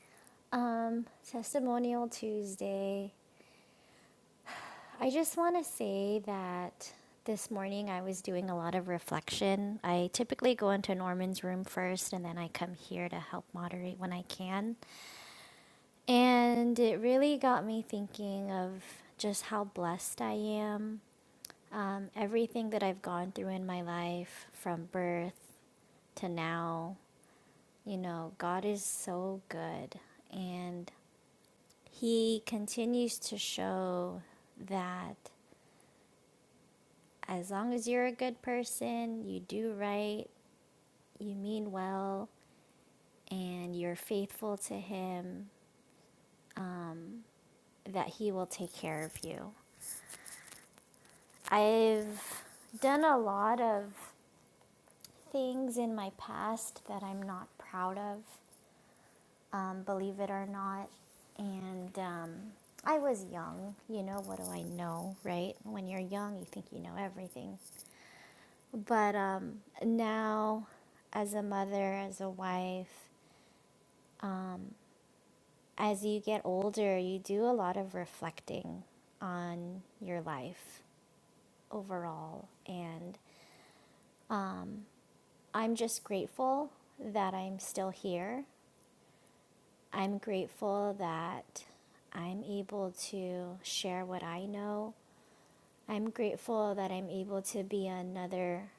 Speaker 9: Um testimonial Tuesday. I just want to say that this morning I was doing a lot of reflection. I typically go into Norman's room first and then I come here to help moderate when I can. And it really got me thinking of just how blessed I am. Um, everything that I've gone through in my life from birth to now, you know, God is so good. And He continues to show that as long as you're a good person, you do right, you mean well, and you're faithful to Him, that He will take care of you. I've done a lot of things in my past that I'm not proud of, um, believe it or not. And um, I was young, you know, what do I know, right? When you're young, you think you know everything. But um, now, as a mother, as a wife, as you get older, you do a lot of reflecting on your life overall. And um, I'm just grateful that I'm still here. I'm grateful that I'm able to share what I know. I'm grateful that I'm able to be another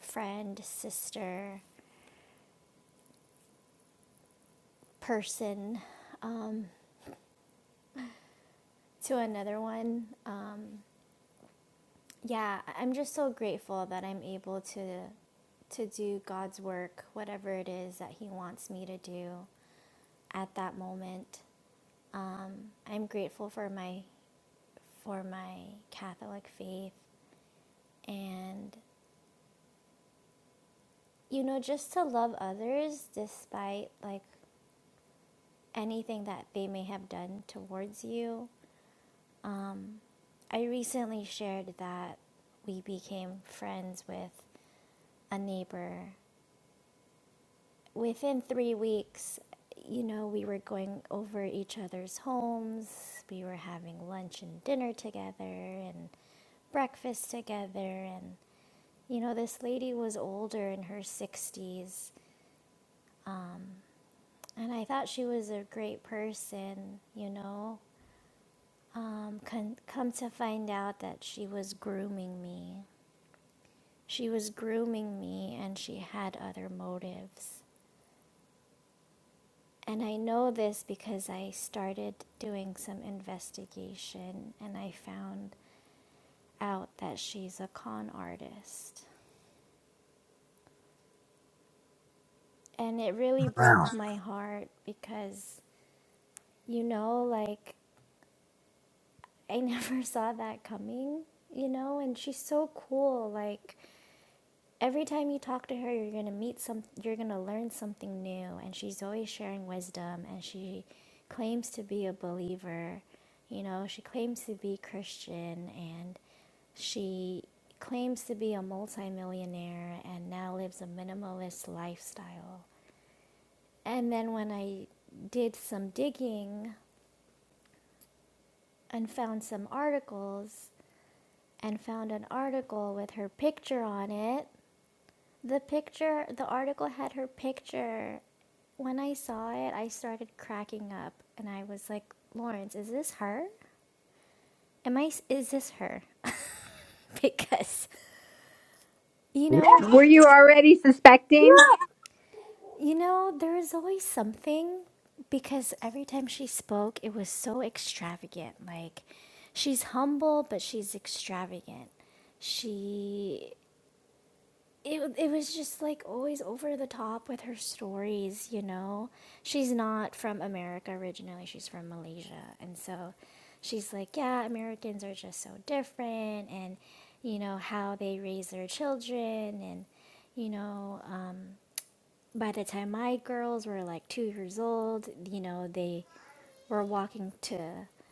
Speaker 9: friend, sister, person to another one. Um, yeah, I- am just so grateful that I'm able to to do God's work, whatever it is that he wants me to do at that moment. Um, I'm grateful for my for my Catholic faith and you know just to love others despite like anything that they may have done towards you. I recently shared that we became friends with a neighbor within three weeks, you know, we were going over each other's homes. We were having lunch and dinner together and breakfast together. And, you know, this lady was older in her 60s. And I thought she was a great person, you know. Um, con- come to find out that she was grooming me. She was grooming me and she had other motives. And I know this because I started doing some investigation and I found out that she's a con artist. And it really
Speaker 8: Wow.
Speaker 9: broke my heart because, you know, like I <laughs> never saw that coming, you know, and she's so cool. Like Every time you talk to her, you're going to meet some you're going to learn something new and she's always sharing wisdom and she claims to be a believer. You know, she claims to be Christian and she claims to be a multimillionaire and now lives a minimalist lifestyle. And then when I did some digging and found some articles and found an article with her picture on it The picture, the article had her picture. When I saw it, I started cracking up and I was like, Lawrence, is this her? Am I, is this her? <laughs> Because, you
Speaker 8: Yeah,
Speaker 9: know,
Speaker 1: Were you already
Speaker 8: yeah,
Speaker 1: suspecting?
Speaker 9: you know, there is always something because every time she spoke, it was so extravagant. Like, she's humble, but she's extravagant. She it, it was just like always over the top with her stories, you know? She's not from America originally, she's from Malaysia. And so she's like, yeah, Americans are just so different, and, you know, how they raise their children. And, you know, um, by the time my girls were like two years old, you know, they were walking to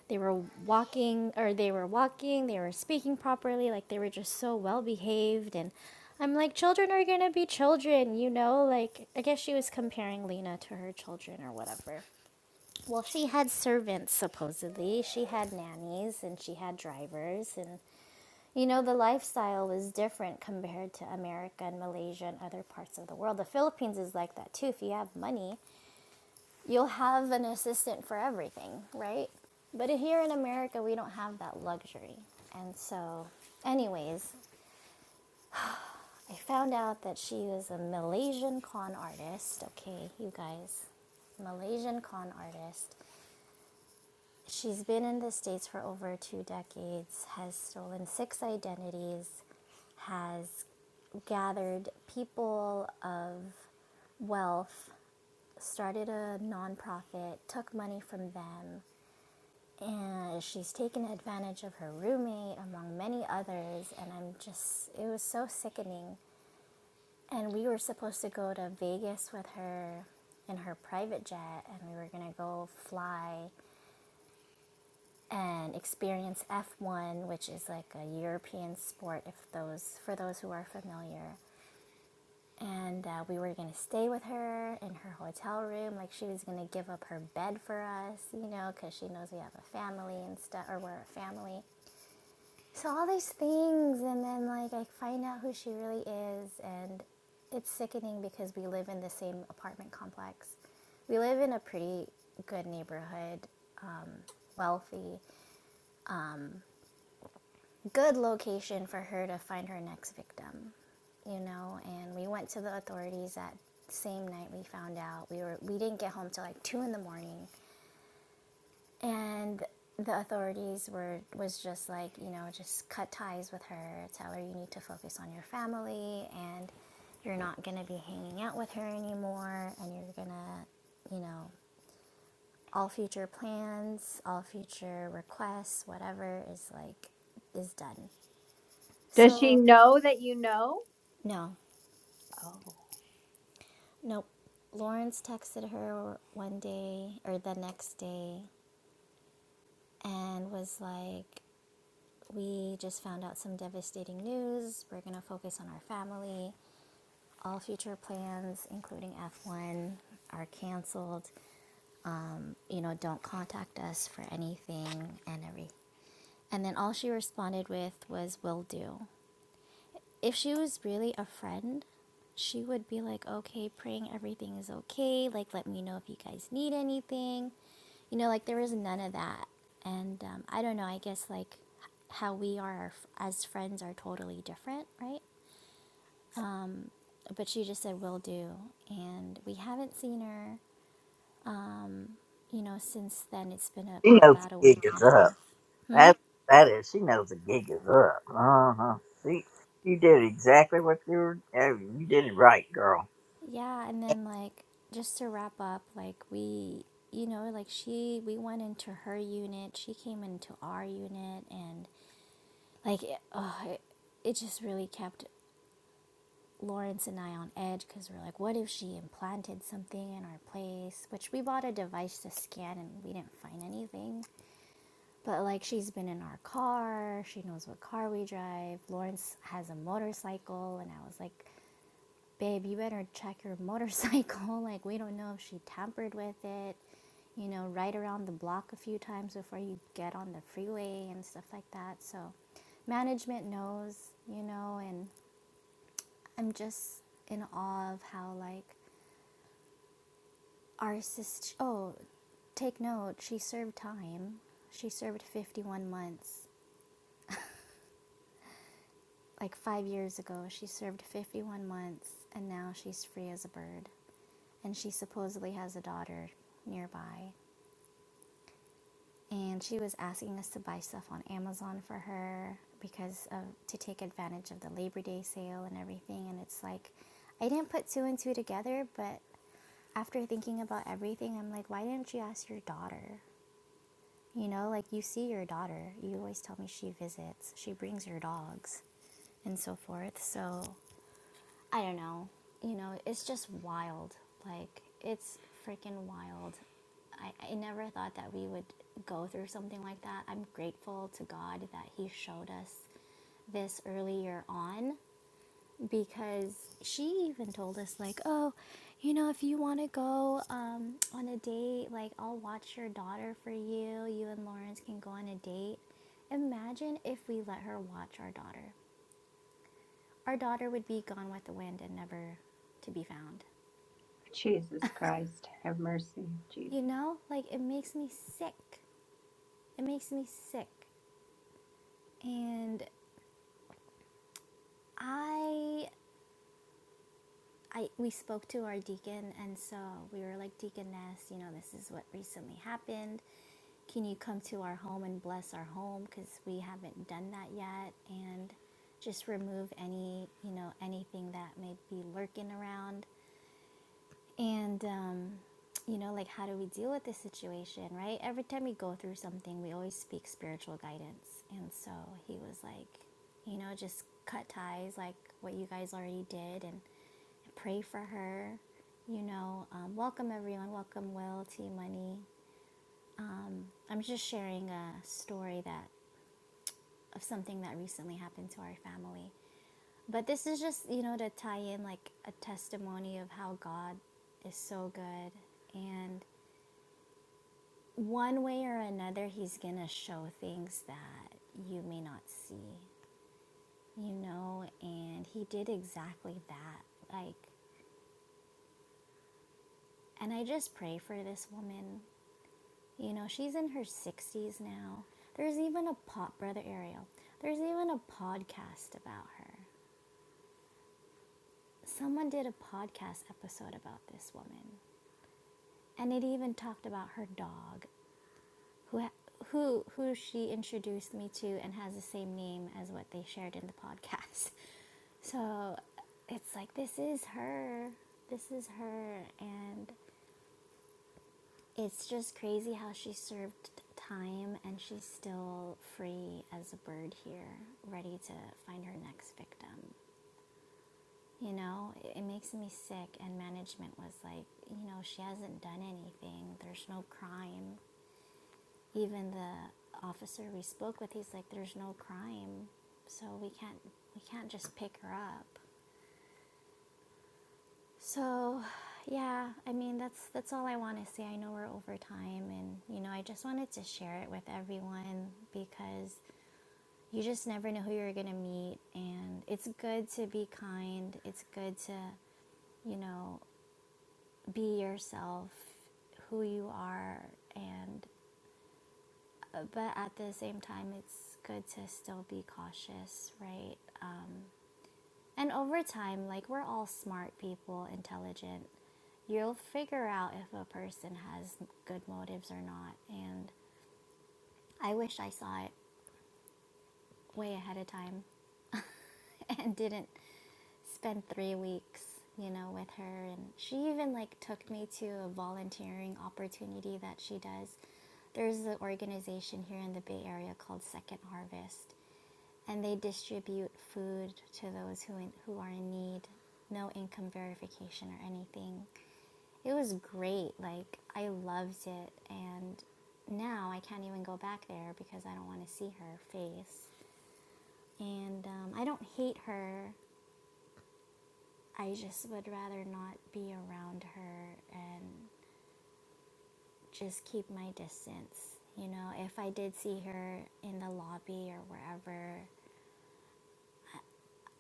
Speaker 9: they were walking or they were walking they were speaking properly like they were just so well behaved and i'm like children are gonna be children you know like i guess she was comparing lena to her children or whatever well she had servants supposedly she had nannies and she had drivers and you know the lifestyle was different compared to america and malaysia and other parts of the world the philippines is like that too if you have money you'll have an assistant for everything, right? But here in America, we don't have that luxury. And so, anyways, I found out that she was a Malaysian con artist. Okay, you guys, Malaysian con artist. She's been in the States for over two decades, has stolen six identities, has gathered people of wealth started a nonprofit, took money from them, and she's taken advantage of her roommate among many others and i'm just it was so sickening and we were supposed to go to vegas with her in her private jet and we were going to go fly and experience f1 which is like a european sport if those for those who are familiar and uh, we were going to stay with her in her hotel room like she was going to give up her bed for us you know because she knows we have a family and stuff or we're a family So all these things, and then like I find out who she really is, and it's sickening because we live in the same apartment complex. We live in a pretty good neighborhood, wealthy, good location for her to find her next victim, you know. And we went to the authorities that same night. We found out we were we didn't get home till like two in the morning. and the authorities were was just like you know just cut ties with her tell her you need to focus on your family and you're not going to be hanging out with her anymore and you're going to you know all future plans all future requests whatever is like is done
Speaker 1: Does she
Speaker 9: so
Speaker 1: know that you know?
Speaker 9: no
Speaker 1: Oh,
Speaker 9: nope lawrence texted her one day or the next day and was like We just found out some devastating news. We're going to focus on our family. All future plans, including F1, are canceled. You know, don't contact us for anything and every. And then all she responded with was, will do if she was really a friend, she would be like, okay, praying everything is okay. Like, let me know if you guys need anything. You know, like, there was none of that. And um, I don't know, I guess, like, how we are as friends are totally different, right? But she just said, will do. And we haven't seen her, you know, since then. It's been a,
Speaker 8: she knows the
Speaker 9: about a week
Speaker 8: gig
Speaker 9: and
Speaker 8: is
Speaker 9: a
Speaker 8: up.
Speaker 9: half.
Speaker 8: That that is, she knows the gig is up. Uh huh. See, you did exactly what you were. oh, You did it right, girl.
Speaker 9: Yeah, and then like just to wrap up, like we, you know, like she, we went into her unit, she came into our unit, and like it, oh, it, it just really kept Lawrence and I on edge because we're like, what if she implanted something in our place? Which we bought a device to scan and we didn't find anything. But like she's been in our car, she knows what car we drive. Lawrence has a motorcycle, and I was like, babe, you better check your motorcycle. <laughs> Like, we don't know if she tampered with it. You know, ride around the block a few times before you get on the freeway and stuff like that. So, management knows, you know, and I'm just in awe of how, like, our sister, oh, take note, she served time. She served 51 months. Like, five years ago, she served 51 months, and now she's free as a bird and she supposedly has a daughter nearby. and she was asking us to buy stuff on Amazon for her because of to take advantage of the Labor Day sale and everything and it's like I didn't put two and two together but after thinking about everything I'm like why didn't you ask your daughter you know like you see your daughter you always tell me she visits she brings your dogs and so forth so I don't know. You know, it's just wild. Like it's freaking wild. I, I never thought that we would go through something like that. I'm grateful to God that He showed us this earlier on because she even told us like, oh, you know, if you want to go um, on a date, like I'll watch your daughter for you. You and Lawrence can go on a date. Imagine if we let her watch our daughter. Our daughter would be gone with the wind and never to be found.
Speaker 1: Jesus Christ, have mercy, Jesus.
Speaker 9: You know, like it makes me sick. It makes me sick. And I I we spoke to our deacon and so we were like deaconess, you know, this is what recently happened. Can you come to our home and bless our home cuz we haven't done that yet and just remove any, you know, anything that may be lurking around And, um, you know, like, how do we deal with this situation, right? Every time we go through something, we always speak spiritual guidance. And so he was like, you know, just cut ties, like what you guys already did, and pray for her. You know, um, welcome everyone. Welcome, Will, T Money. I'm just sharing a story that of something that recently happened to our family. But this is just, you know, to tie in like a testimony of how God is so good. And one way or another, he's going to show things that you may not see, you know? And he did exactly that. Like, and I just pray for this woman. You know, she's in her 60s now. There's even a pod, Brother Ariel, there's even a podcast about her. Someone did a podcast episode about this woman, and it even talked about her dog who who who she introduced me to and has the same name as what they shared in the podcast. <laughs> So it's like this is her. This is her and it's just crazy how she served time and she's still free as a bird here, ready to find her next victim. You know, it, makes me sick and management was like, you know, she hasn't done anything. There's no crime. Even the officer we spoke with, he's like, "There's no crime, so we can't we can't just pick her up." So, yeah, I mean that's that's all I want to say. I know we're over time, and you know I just wanted to share it with everyone because you just never know who you're gonna meet, and it's good to be kind. It's good to you know be yourself who you are and Uh, but at the same time it's good to still be cautious right and over time like we're all smart people intelligent you'll figure out if a person has good motives or not and i wish i saw it way ahead of time <laughs> and didn't spend three weeks, you know, with her. And she even like took me to a volunteering opportunity that she does. There's an organization here in the Bay Area called Second Harvest, and they distribute food to those who in, who are in need. No income verification or anything. It was great. Like I loved it, and now I can't even go back there because I don't want to see her face. And um, I don't hate her I just would rather not be around her and just keep my distance. You know, if I did see her in the lobby or wherever,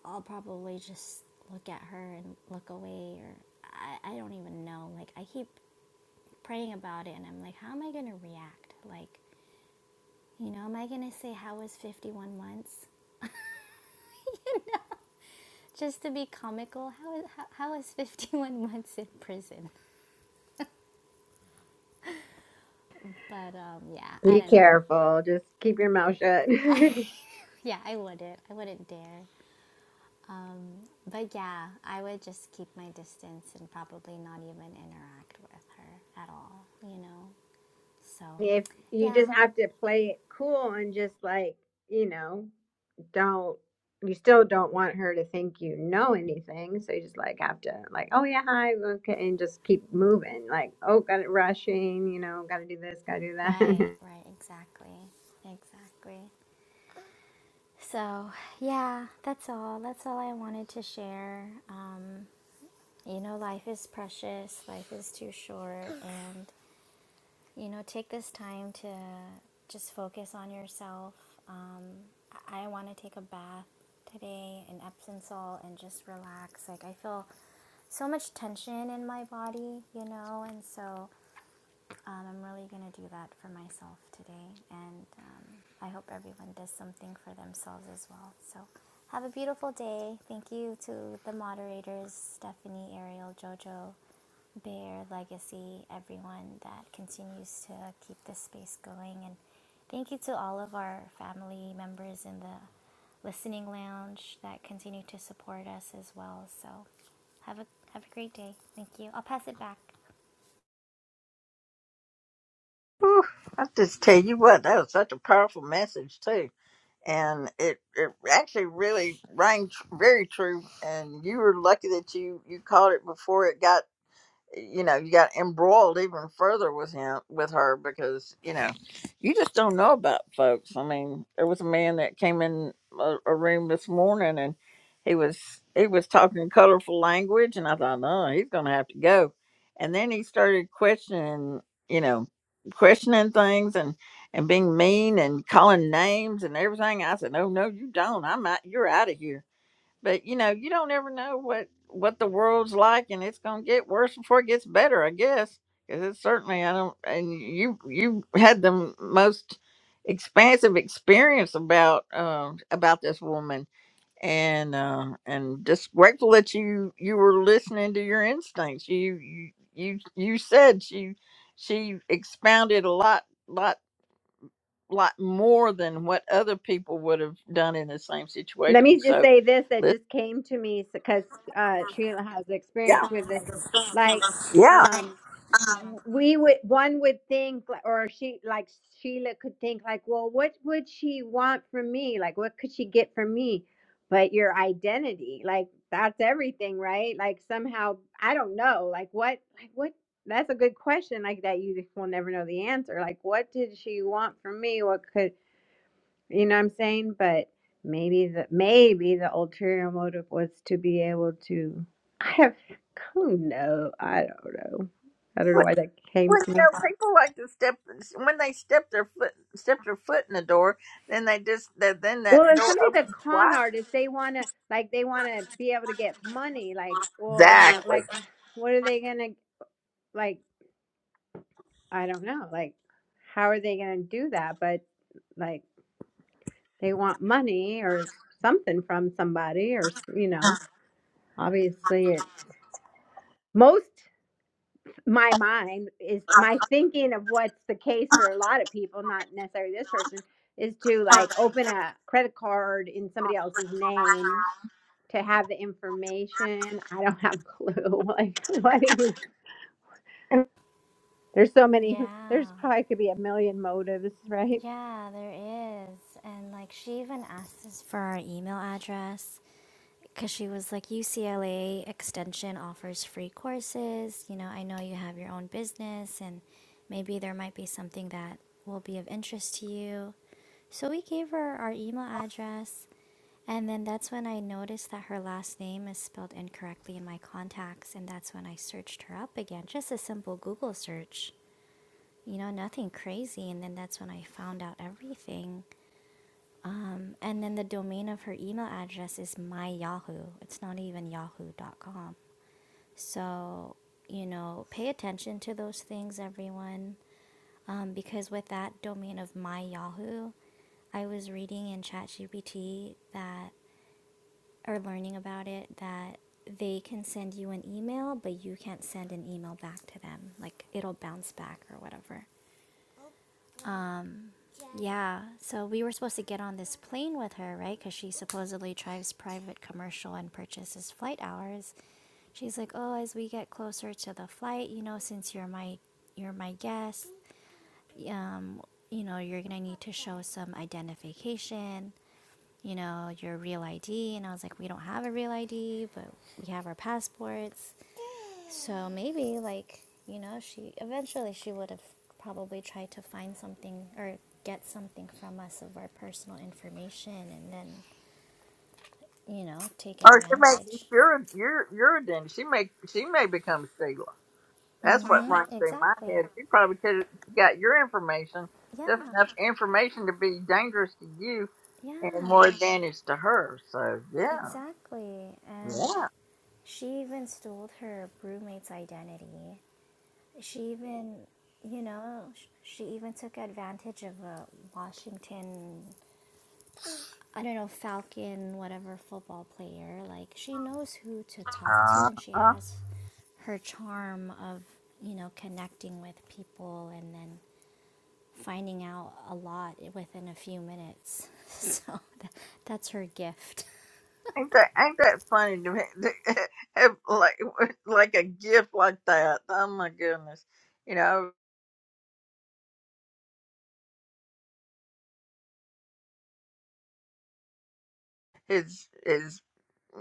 Speaker 9: I'll probably just look at her and look away or I, I don't even know. Like, I keep praying about it and I'm like, how am I going to react? Like, you know, am I going to say, how was 51 months? Just to be comical, how is, how, how is 51 <laughs> months in prison? But um, yeah, I
Speaker 1: Be
Speaker 9: don't know.
Speaker 1: careful. Just keep your mouth shut.
Speaker 9: I,
Speaker 1: <laughs>
Speaker 9: <laughs> yeah, I wouldn't. I wouldn't dare. Um, but yeah, I would just keep my distance and probably not even interact with her at all, you know? So,
Speaker 1: if you
Speaker 9: yeah,
Speaker 1: just have to play it cool and just like you know. don't you still don't want her to think you know anything so you just like have to like oh yeah hi okay and just keep moving like oh got it rushing you know got to do this got to do that
Speaker 9: right,
Speaker 1: <laughs>
Speaker 9: right, exactly, exactly. So, yeah, that's all. That's all I wanted to share. Um, you know, life is precious, life is too short, and you know, take this time to just focus on yourself. Um, I, I want to take a bath today in Epsom salt and just relax. Like, I feel so much tension in my body, you know, and so um, I'm really going to do that for myself today, and um, I hope everyone does something for themselves as well. So, have a beautiful day. Thank you to the moderators Stephanie, Ariel, JoJo, Bear, Legacy, everyone that continues to keep this space going. And thank you to all of our family members in the listening lounge that continue to support us as well. So, have a have a great day. Thank you. I'll pass it back.
Speaker 8: Whew, I just tell you what, that was such a powerful message too, and it it actually really rang tr- very true. And you were lucky that you you caught it before it got you know you got embroiled even further with him with her because you know you just don't know about folks i mean there was a man that came in a, a room this morning and he was he was talking colorful language and i thought no he's gonna have to go and then he started questioning you know questioning things and and being mean and calling names and everything i said no no you don't i'm out you're out of here but you know, you don't ever know what what the world's like, and it's gonna get worse before it gets better, I guess. Because it's certainly I don't. And you you had the m- most expansive experience about uh, about this woman, and uh, and just grateful that you you were listening to your instincts. You you you you said she she expounded a lot lot lot more than what other people would have done in the same
Speaker 1: Let
Speaker 8: situation.
Speaker 1: me just
Speaker 8: So,
Speaker 1: say this that
Speaker 8: listen,
Speaker 1: just came to me because uh, Sheila has
Speaker 8: yeah.
Speaker 1: experience with this. Like,
Speaker 8: Yeah.
Speaker 1: um, w- we would one would think, li- or she like Sheila could think like, well, what would she want from me? Like, what could she get from me? But your identity, like that's everything, right? Like somehow I don't know, like what, like what. That's a good question, like that you will never know the answer. Like, what did she want from me? What could you know what I'm saying? But maybe the maybe the ulterior motive was to be able to <laughs> I have who know? I don't know. I don't know
Speaker 8: Well,
Speaker 1: why that came
Speaker 8: well, you
Speaker 1: to me.
Speaker 8: know, people like to step when they step their foot step their foot in the door, then they just that then
Speaker 1: Well,
Speaker 8: that
Speaker 1: if
Speaker 8: door
Speaker 1: somebody's a
Speaker 8: opens
Speaker 1: con
Speaker 8: wide.
Speaker 1: artist, they wanna like they wanna be able to get money. Like, well,
Speaker 8: Exactly.
Speaker 1: like what are they gonna like I don't know, like how are they gonna do that? But like they want money or something from somebody or s- you know, obviously it most my mind is my thinking of what's the case for a lot of people, not necessarily this person, is to like open a credit card in somebody else's name to have the information. I don't have a clue. <laughs> Like, what do you? There's so many.
Speaker 9: Yeah.
Speaker 1: There's probably could be a million motives, right?
Speaker 9: Yeah, there is. And like she even asked us for our email address because she was like, UCLA Extension offers free courses. You know, I know you have your own business and maybe there might be something that will be of interest to you. So we gave her our email address. And then that's when I noticed that her last name is spelled incorrectly in my contacts. And that's when I searched her up again, just a simple Google search you know, nothing crazy. And then that's when I found out everything. Um, and then the domain of her email address is my Yahoo. It's not even yahoo.com. So, you know, pay attention to those things, everyone. Um, because with that domain of my Yahoo, I was reading in ChatGPT that, or learning about it, that they can send you an email, but you can't send an email back to them. Like it'll bounce back or whatever. Um, yeah, so we were supposed to get on this plane with her, right? Because she supposedly drives private commercial and purchases flight hours. She's like, "Oh, as we get closer to the flight, you know, since you're my you're my guest, um, you know, you're gonna need to show some identification, you know, your real ID." And I was like, "We don't have a real ID, but we have our passports." So maybe like, you know, she eventually she would have probably tried to find something or get something from us of our personal information and then, you know, take
Speaker 8: Or she may
Speaker 9: advantage.
Speaker 8: you're you're you're a den. She may she may become Sheila. That's what
Speaker 9: Mhm.
Speaker 8: runs through my
Speaker 9: Exactly.
Speaker 8: head. She probably could got your information, just
Speaker 9: Yeah.
Speaker 8: enough information to be dangerous to you and more
Speaker 9: Yeah.
Speaker 8: advantage to her. So yeah,
Speaker 9: Exactly. And
Speaker 8: yeah.
Speaker 9: she even stole her roommate's identity. She even, you know, sh- she even took advantage of a Washington I don't know, Falcon, whatever football player, like she knows who to talk to and she
Speaker 8: Uh-huh.
Speaker 9: has her charm of, you know, connecting with people and then finding out a lot within a few minutes. <laughs> So tha- that's her gift.
Speaker 8: Ain't that ain't that funny to me? <laughs> Have like like a gift like that. Oh my goodness! You know his his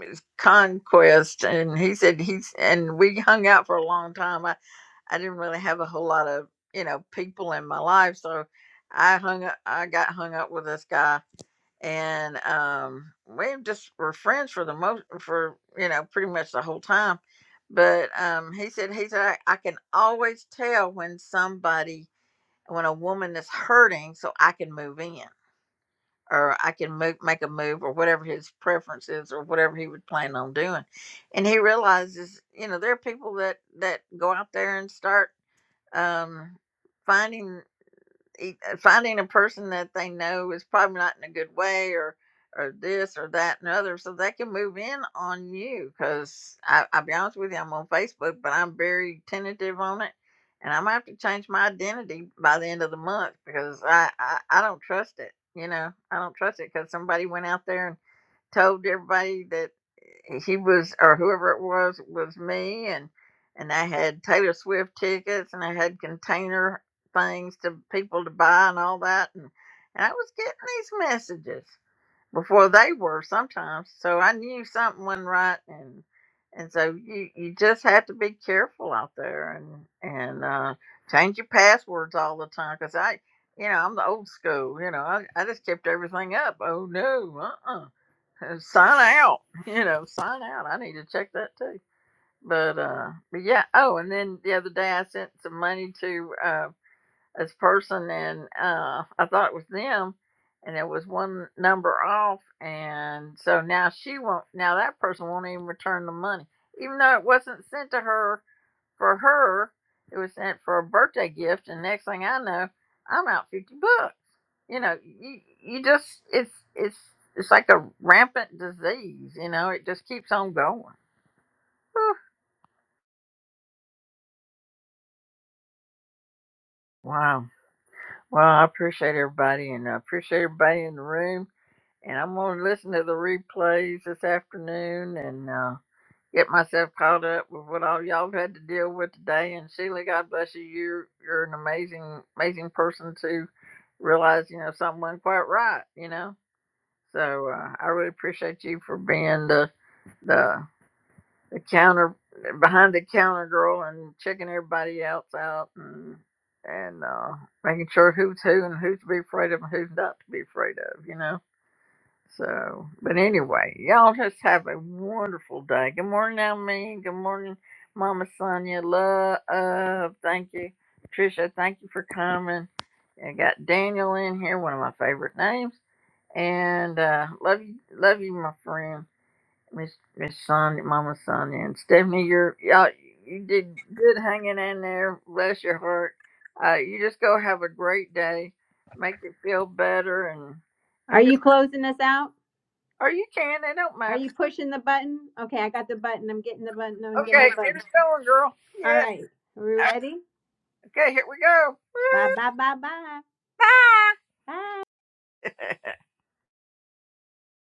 Speaker 8: his conquest, and he said he's and we hung out for a long time. I I didn't really have a whole lot of you know people in my life, so I hung up. I got hung up with this guy, and um, we just were friends for the most for you know pretty much the whole time. But um, he said he said I, I can always tell when somebody when a woman is hurting, so I can move in or I can move make a move or whatever his preference is or whatever he would plan on doing. And he realizes you know there are people that that go out there and start um, finding e- uh, finding a person that they know is probably not in a good way or or this or that and other so they can move in on you because i'll be honest with you i'm on facebook but i'm very tentative on it and i'm gonna have to change my identity by the end of the month because i i, I don't trust it you know i don't trust it because somebody went out there and told everybody that he was or whoever it was was me and and I had Taylor Swift tickets and I had container things to people to buy and all that and, and I was getting these messages before they were sometimes so I knew something wasn't right and and so you you just have to be careful out there and and uh, change your passwords all the time because I you know I'm the old school you know I, I just kept everything up oh no uh. uh <laughs> Uh, sign out. You know, sign out. I need to check that too. But uh but yeah, oh and then the other day I sent some money to uh this person and uh I thought it was them and it was one number off and so now she won't now that person won't even return the money. Even though it wasn't sent to her for her, it was sent for a birthday gift and next thing I know, I'm out fifty bucks you know you, you just it's it's it's like a rampant disease you know it just keeps on going Whew. wow well i appreciate everybody and i appreciate everybody in the room and i'm going to listen to the replays this afternoon and uh get myself caught up with what all y'all had to deal with today and sheila god bless you you're you're an amazing amazing person to realize you know something wasn't quite right you know so uh, i really appreciate you for being the the the counter behind the counter girl and checking everybody else out and and uh making sure who's who and who's to be afraid of and who's not to be afraid of, you know. So but anyway, y'all just have a wonderful day. Good morning, Almeen. Good morning, Mama Sonia. Love uh, thank you. Tricia, thank you for coming. I got Daniel in here, one of my favorite names. And uh love you love you, my friend. Miss Miss Sonia, Mama Sonia, and Stephanie, you're y'all, you did good hanging in there. Bless your heart. Uh, you just go have a great day. Make it feel better, and
Speaker 1: Are
Speaker 8: and just
Speaker 1: you closing us out?
Speaker 8: or you can. It don't
Speaker 1: Are
Speaker 8: matter.
Speaker 1: you pushing the button? Okay, I got the button. I'm getting the button. I'm getting
Speaker 8: Okay,
Speaker 1: the
Speaker 8: get
Speaker 1: button.
Speaker 8: us going, girl.
Speaker 1: All
Speaker 8: Yeah.
Speaker 1: right, are we ready?
Speaker 8: Okay, here we go. Woo,
Speaker 1: Bye bye bye bye
Speaker 8: Bye.
Speaker 1: bye.